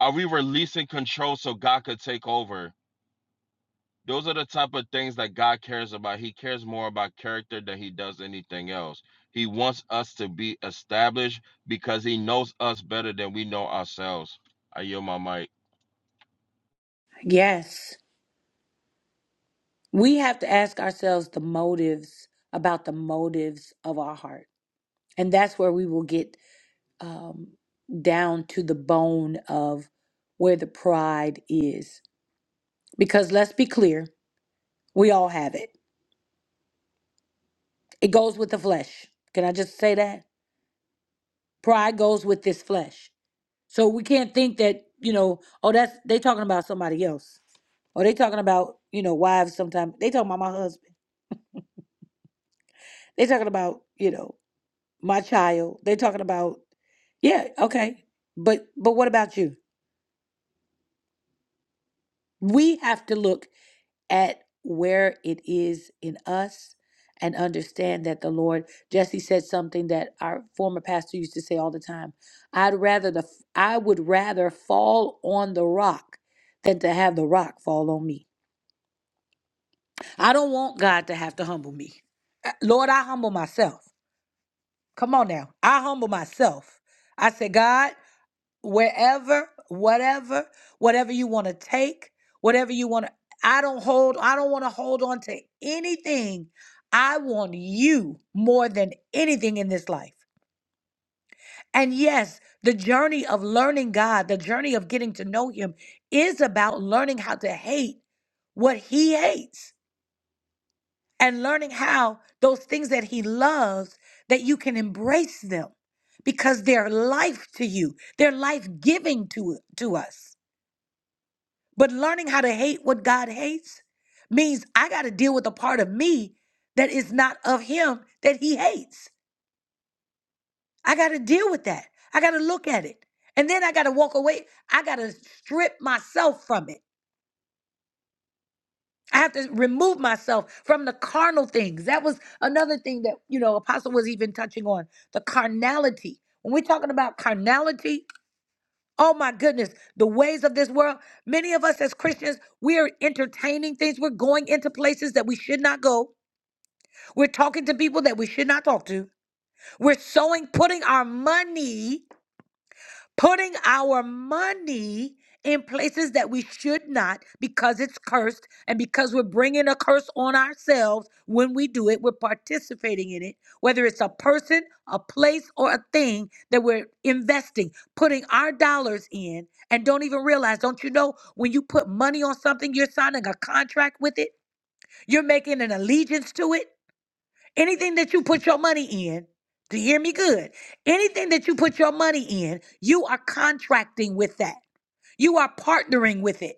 E: Are we releasing control so God could take over? Those are the type of things that God cares about. He cares more about character than he does anything else. He wants us to be established because he knows us better than we know ourselves. I yield my mic.
A: Yes. we have to ask ourselves the motives about the motives of our heart and that's where we will get um, down to the bone of where the pride is because let's be clear we all have it it goes with the flesh can i just say that pride goes with this flesh so we can't think that you know oh that's they talking about somebody else or they talking about you know wives sometimes they talking about my husband they talking about you know my child. They're talking about, yeah, okay. But but what about you? We have to look at where it is in us and understand that the Lord Jesse said something that our former pastor used to say all the time. I'd rather the I would rather fall on the rock than to have the rock fall on me. I don't want God to have to humble me. Uh, Lord, I humble myself. Come on now. I humble myself. I say, God. wherever, whatever, whatever you want to take, whatever you want to. I don't hold, I don't want to hold on to anything. I want you more than anything in this life. And yes, the journey of learning God, the journey of getting to know Him is about learning how to hate what He hates and learning how those things that He loves that you can embrace them because they're life to you, they're life giving to, to us. But learning how to hate what God hates means I got to deal with a part of me that is not of Him that He hates. I got to deal with that. I got to look at it. And then I got to walk away. I got to strip myself from it. I have to remove myself from the carnal things. That was another thing that, you know, Apostle was even touching on the carnality. When we're talking about carnality, Oh my goodness, the ways of this world. Many of us as Christians, we are entertaining things. We're going into places that we should not go. We're talking to people that we should not talk to. We're sowing, putting our money putting our money in places that we should not because it's cursed and because we're bringing a curse on ourselves when we do it we're participating in it whether it's a person a place or a thing that we're investing putting our dollars in and don't even realize don't you know when you put money on something you're signing a contract with it you're making an allegiance to it Anything that you put your money in, do you hear me good? Anything that you put your money in, you are contracting with that. You are partnering with it.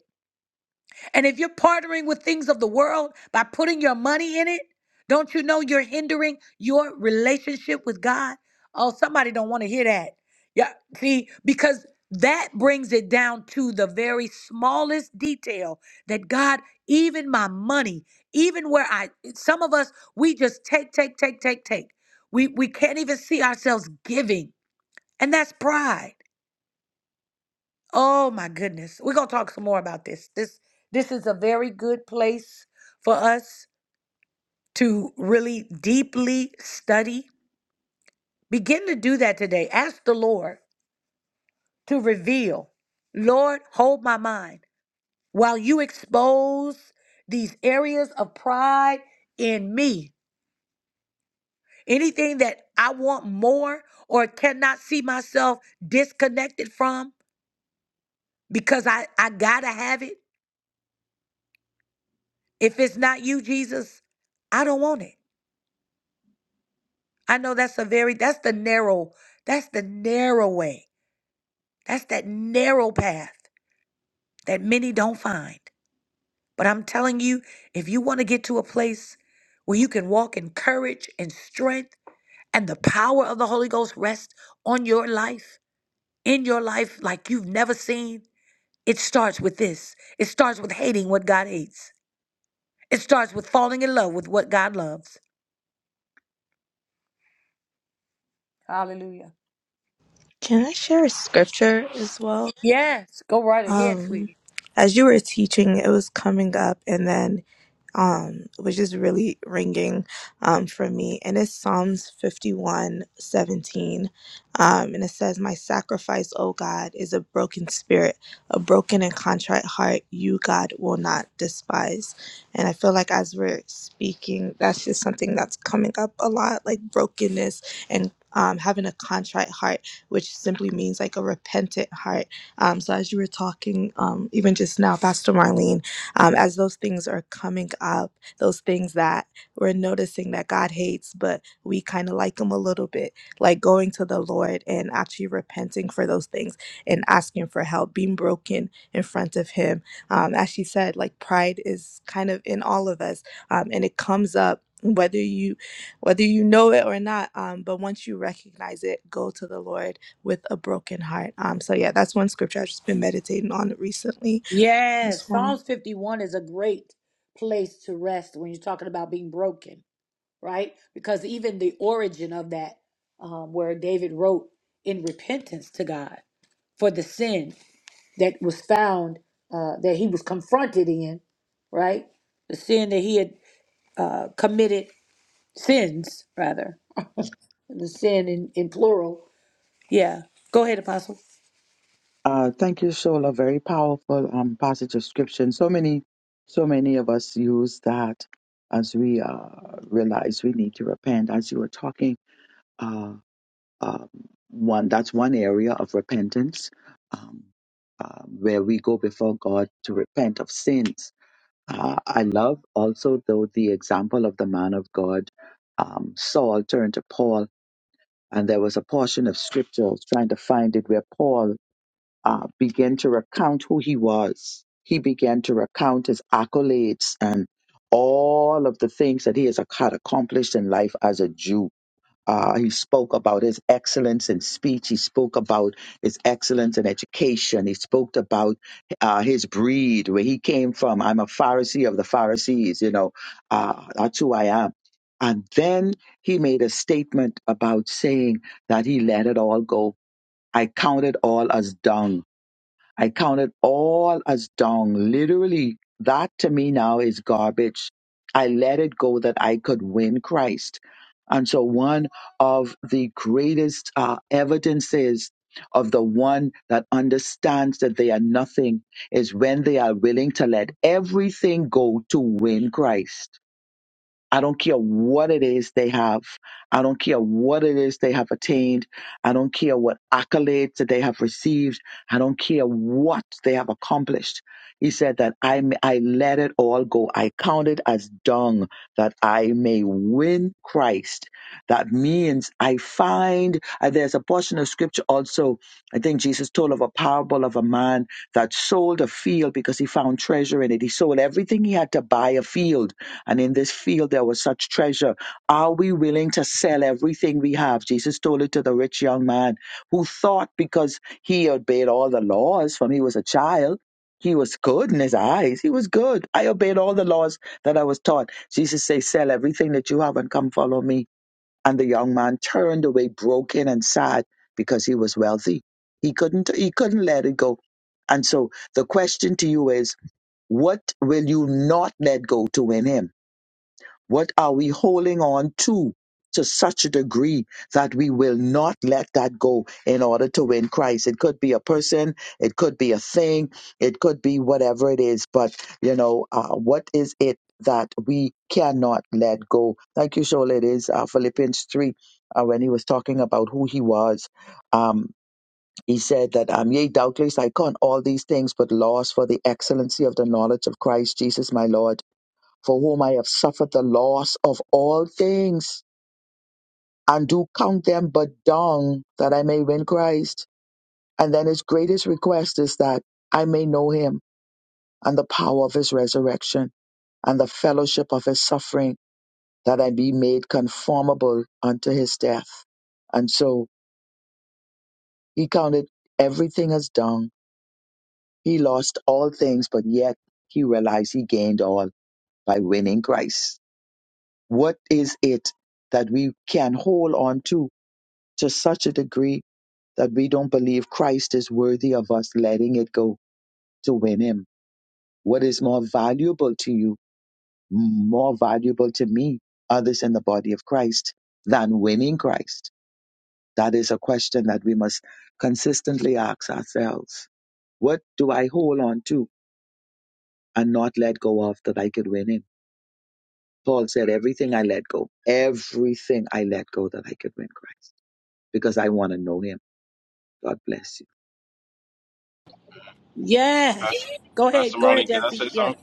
A: And if you're partnering with things of the world by putting your money in it, don't you know you're hindering your relationship with God? Oh, somebody don't want to hear that. Yeah, see, because that brings it down to the very smallest detail that God, even my money, even where I some of us we just take take take take take. We we can't even see ourselves giving. And that's pride. Oh my goodness. We're going to talk some more about this. This this is a very good place for us to really deeply study. Begin to do that today. Ask the Lord to reveal. Lord, hold my mind while you expose these areas of pride in me. Anything that I want more or cannot see myself disconnected from because I I got to have it. If it's not you, Jesus, I don't want it. I know that's a very that's the narrow, that's the narrow way. That's that narrow path that many don't find. But I'm telling you, if you want to get to a place where you can walk in courage and strength and the power of the Holy Ghost rest on your life, in your life like you've never seen, it starts with this. It starts with hating what God hates. It starts with falling in love with what God loves. Hallelujah.
D: Can I share a scripture as well?
A: Yes, go right ahead, sweetie.
D: Um, as you were teaching, it was coming up, and then um, which is really ringing um, for me. And it's Psalms 51 17, Um, and it says, My sacrifice, O God, is a broken spirit, a broken and contrite heart, you, God, will not despise. And I feel like as we're speaking, that's just something that's coming up a lot like brokenness and um, having a contrite heart, which simply means like a repentant heart. Um, so, as you were talking, um, even just now, Pastor Marlene, um, as those things are coming up, those things that we're noticing that God hates, but we kind of like Him a little bit, like going to the Lord and actually repenting for those things and asking for help, being broken in front of Him. Um, as she said, like pride is kind of in all of us, um, and it comes up whether you whether you know it or not um but once you recognize it go to the lord with a broken heart um so yeah that's one scripture i've just been meditating on recently as
A: Yes,
D: well
A: Psalms 51 is a great place to rest when you're talking about being broken, right? Because even the origin of that, um, where David wrote in repentance to God for the sin that was found, uh, that he was confronted in, right? The sin that he had uh, committed, sins rather, the sin in, in plural. Go ahead.
F: Uh, thank you, Shola. Very powerful um, passage of scripture. And so many, so many of us use that as we uh, realize we need to repent. As you were talking, Um, one that's one area of repentance um, uh, where we go before God to repent of sins. Uh, I love also though the example of the man of God. Um, Saul turned to Paul, and there was a portion of scripture I was trying to find it where Paul uh, began to recount who he was. He began to recount his accolades and all of the things that he has had accomplished in life as a Jew uh, he spoke about his excellence in speech. He spoke about his excellence in education. He spoke about uh, his breed, where he came from. I'm a Pharisee of the Pharisees, you know, uh, that's who I am. And then he made a statement about saying that he let it all go. I count it all as dung I count it all as dung. Literally, that to me now is garbage. I let it go that I could win Christ. And so, one of the greatest uh, evidences of the one that understands that they are nothing is when they are willing to let everything go to win Christ. I don't care what it is they have. I don't care what it is they have attained. I don't care what accolades that they have received. I don't care what they have accomplished. He said that I, may, I let it all go. I count it as dung that I may win Christ. That means I find, uh, there's a portion of scripture also, I think Jesus told of a parable of a man that sold a field because he found treasure in it. He sold everything he had to buy a field and in this field, there was such treasure. Are we willing to sell everything we have? Jesus told it to the rich young man who thought because he obeyed all the laws from he was a child, he was good in his eyes. He was good. I obeyed all the laws that I was taught. Jesus says, Sell everything that you have and come follow me. And the young man turned away broken and sad because he was wealthy. He couldn't he couldn't let it go. And so the question to you is, what will you not let go to win him? What are we holding on to to such a degree that we will not let that go in order to win Christ? It could be a person, it could be a thing, it could be whatever it is, but you know, uh, what is it that we cannot let go? Thank you, Shola. It is uh, Philippians 3. Uh, when he was talking about who he was, um, he said that, um, yea, doubtless I count all these things but loss for the excellency of the knowledge of Christ Jesus my Lord for whom I have suffered the loss of all things, and do count them but dung, that I may win Christ. And then his greatest request is that I may know him and the power of his resurrection and the fellowship of his suffering, that I be made conformable unto his death. And so he counted everything as dung. He lost all things, but yet he realized he gained all by winning Christ. What is it that we can hold on to to such a degree that we don't believe Christ is worthy of us letting it go to win him. What is more valuable to you, more valuable to me, others in the body of Christ, than winning Christ? That is a question that we must consistently ask ourselves. What do I hold on to and not let go of that I could win him? Paul said, Everything I let go, everything I let go that I could win Christ, because I want to know him. God bless you.
A: Yes.
E: Pastor,
A: Go
E: Pastor
A: ahead. Go ahead,
E: Marlene, can I
A: Jesse.
E: say something?
A: Yes.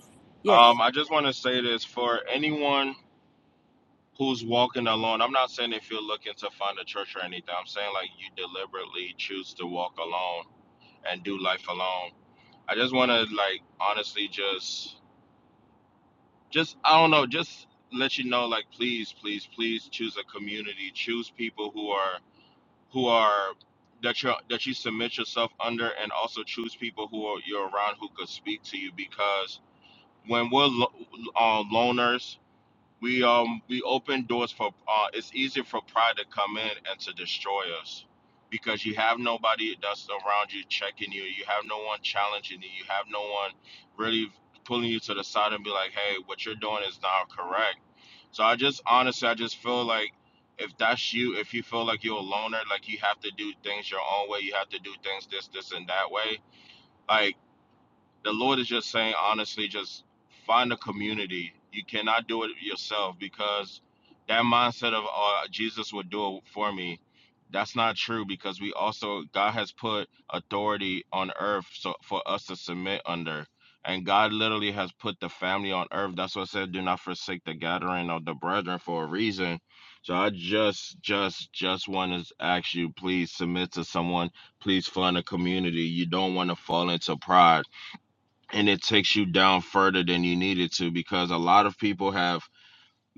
A: Yes.
E: Um, I just want to say this for anyone who's walking alone. I'm not saying if you're looking to find a church or anything. I'm saying like you deliberately choose to walk alone and do life alone. I just want to like honestly just just I don't know, just let you know like please, please, please choose a community. Choose people who are who are that you that you submit yourself under and also choose people who are, you're around who could speak to you because when we're lo- uh, loners We um we open doors for uh it's easy for pride to come in and to destroy us because you have nobody that's around you checking you, you have no one challenging you, you have no one really pulling you to the side and be like, "Hey, what you're doing is not correct." So I just honestly I just feel like if that's you, if you feel like you're a loner, like you have to do things your own way, you have to do things this, this, and that way. Like the Lord is just saying, honestly, just find a community. You cannot do it yourself because that mindset of uh, Jesus would do it for me. That's not true because we also God has put authority on earth so for us to submit under. And God literally has put the family on earth. That's what I said, do not forsake the gathering of the brethren for a reason. So I just, just, just want to ask you, please submit to someone. Please find a community. You don't want to fall into pride and it takes you down further than you needed to because a lot of people have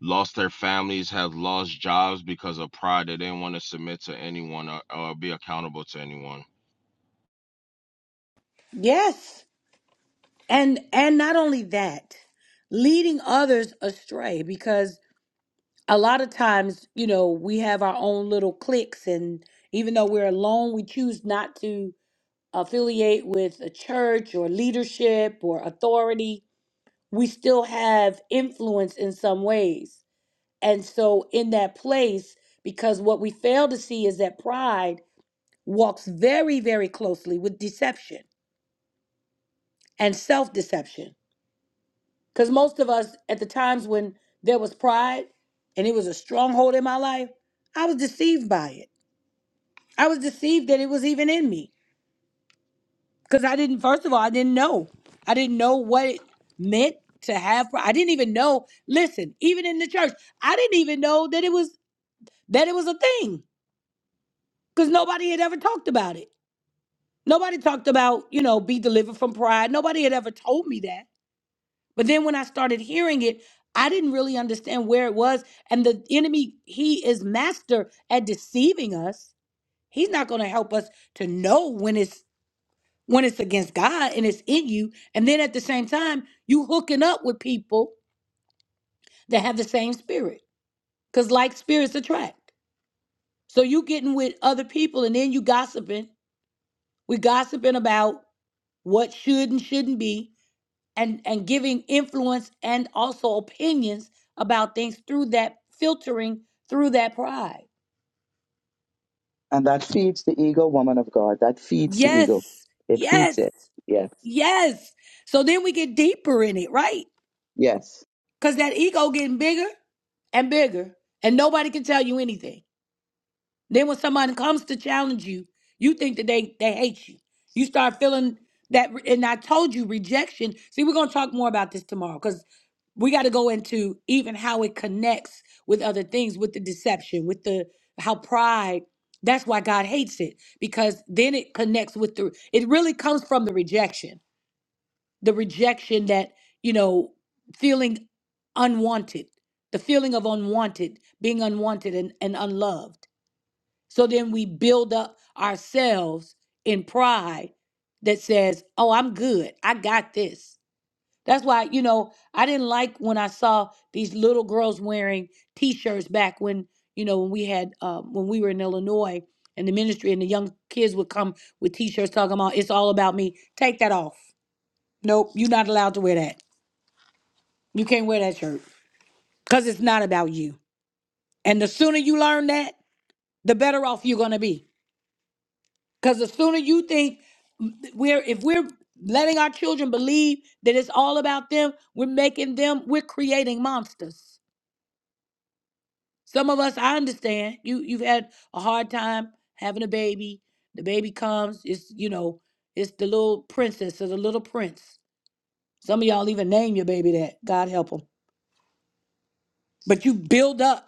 E: lost their families, have lost jobs because of pride. They didn't want to submit to anyone or, or be accountable to anyone.
A: Yes. And and not only that, leading others astray because a lot of times, you know, we have our own little cliques and even though we're alone, we choose not to affiliate with a church or leadership or authority. We still have influence in some ways. And so in that place because what we fail to see is that pride walks very very closely with deception and self-deception Because most of us, at the times when there was pride and it was a stronghold in my life, I was deceived by it. I was deceived that it was even in me. Because I didn't, first of all, I didn't know. I didn't know what it meant to have pride. I didn't even know, listen, even in the church, I didn't even know that it was that it was a thing. Because nobody had ever talked about it. Nobody talked about, you know, be delivered from pride. Nobody had ever told me that. But then when I started hearing it, I didn't really understand where it was. And the enemy, he is master at deceiving us. He's not going to help us to know when it's when it's against God and it's in you. And then at the same time, you hooking up with people that have the same spirit. Because like spirits attract. So you getting with other people and then you gossiping. We gossiping about what should and shouldn't be and and giving influence and also opinions about things through that filtering through that pride
F: And that feeds the ego, woman of God. That feeds the ego.
A: yes
F: It feeds
A: yes
F: it. Yes.
A: yes so then we get deeper in it right
F: Yes.
A: because that ego getting bigger and bigger and nobody can tell you anything Then when somebody comes to challenge you, you think that they they hate you. You start feeling that, re- and I told you rejection. See, we're gonna talk more about this tomorrow because we got to go into even how it connects with other things, with the deception, with the how pride. That's why God hates it because then it connects with the. It really comes from the rejection, the rejection that you know, feeling unwanted, the feeling of unwanted, being unwanted and, and unloved so then we build up ourselves in pride that says, oh, I'm good. I got this. That's why, you know, I didn't like when I saw these little girls wearing t shirts back when, you know, when we had, uh, when we were in Illinois and the ministry and the young kids would come with t shirts talking about, it's all about me. Take that off. Nope, you're not allowed to wear that. You can't wear that shirt because it's not about you. And the sooner you learn that, the better off you're going to be Because the sooner you think we're if we're letting our children believe that it's all about them, we're making them, we're creating monsters. Some of us, I understand. You you've had a hard time having a baby. The baby comes, it's you know, it's the little princess or the little prince. Some of y'all even name your baby that. God help them. But you build up.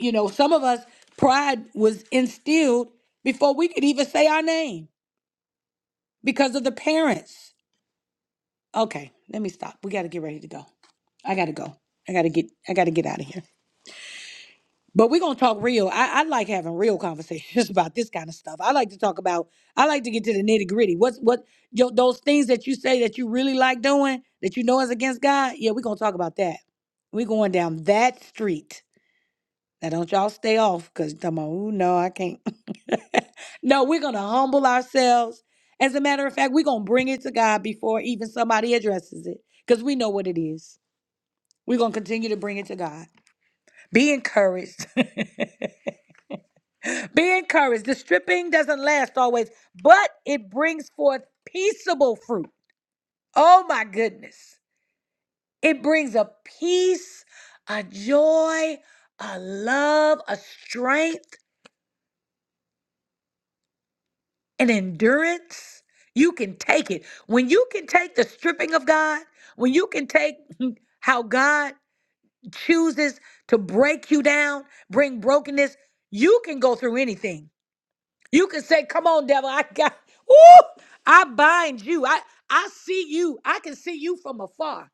A: You know, some of us pride was instilled before we could even say our name because of the parents. Okay, let me stop. We got to get ready to go. I got to go. I got to get. I got to get out of here. But we're gonna talk real. I, I like having real conversations about this kind of stuff. I like to talk about. I like to get to the nitty gritty. What's what? Yo, those things that you say that you really like doing that you know is against God. Yeah, we're gonna talk about that. We're going down that street. Now don't y'all stay off because you're talking about, ooh, no, I can't. no, we're gonna humble ourselves. As a matter of fact, we're gonna bring it to God before even somebody addresses it. Because we know what it is. We're gonna continue to bring it to God. Be encouraged. Be encouraged. The stripping doesn't last always, but it brings forth peaceable fruit. Oh my goodness. It brings a peace, a joy, a love, a strength and endurance. You can take it. When you can take the stripping of God, when you can take how God chooses to break you down, bring brokenness, you can go through anything. You can say, Come on, devil, I got, woo, I bind you. I, I see you. I can see you from afar.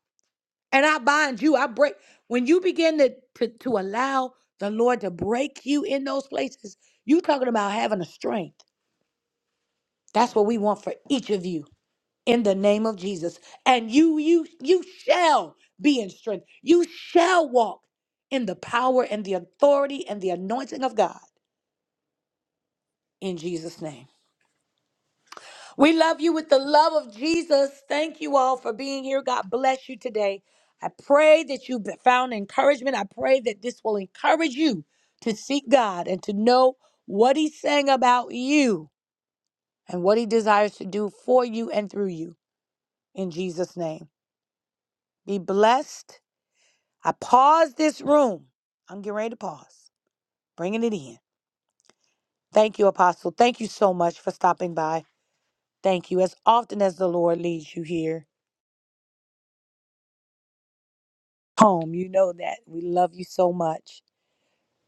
A: And I bind you. I break. When you begin to, to, to allow the Lord to break you in those places, you talking about having a strength. That's what we want for each of you in the name of Jesus. And you you you shall be in strength. You shall walk in the power and the authority and the anointing of God in Jesus name. We love you with the love of Jesus. Thank you all for being here. God bless you today. I pray that you found encouragement. I pray that this will encourage you to seek God and to know what he's saying about you and what he desires to do for you and through you in Jesus name. Be blessed I pause this room. I'm getting ready to pause, bringing it in. Thank you, Apostle. Thank you so much for stopping by. Thank you. As often as the Lord leads you here home, you know that. We love you so much.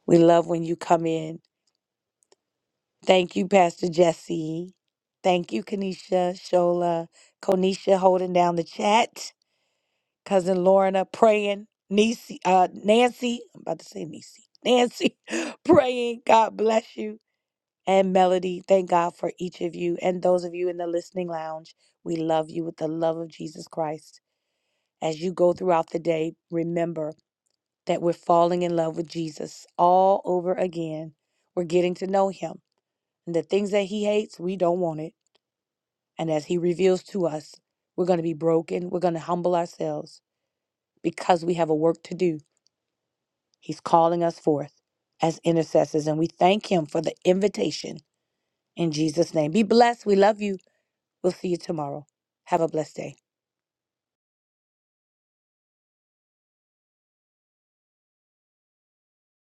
A: We love when you come in. Thank you, Pastor Jesse. Thank you, Kanisha, Shola, Konisha holding down the chat. Cousin Lorna praying. Nisi, uh, Nancy, I'm about to say Nisi. Nancy praying. God bless you. and Melody. Thank God for each of you and those of you in the listening lounge. We love you with the love of Jesus Christ. As you go throughout the day, remember that we're falling in love with Jesus all over again. We're getting to know him. And the things that he hates, we don't want it. And as he reveals to us, we're going to be broken. We're going to humble ourselves because we have a work to do. He's calling us forth as intercessors. And we thank him for the invitation in Jesus' name. Be blessed. We love you. We'll see you tomorrow. Have a blessed day.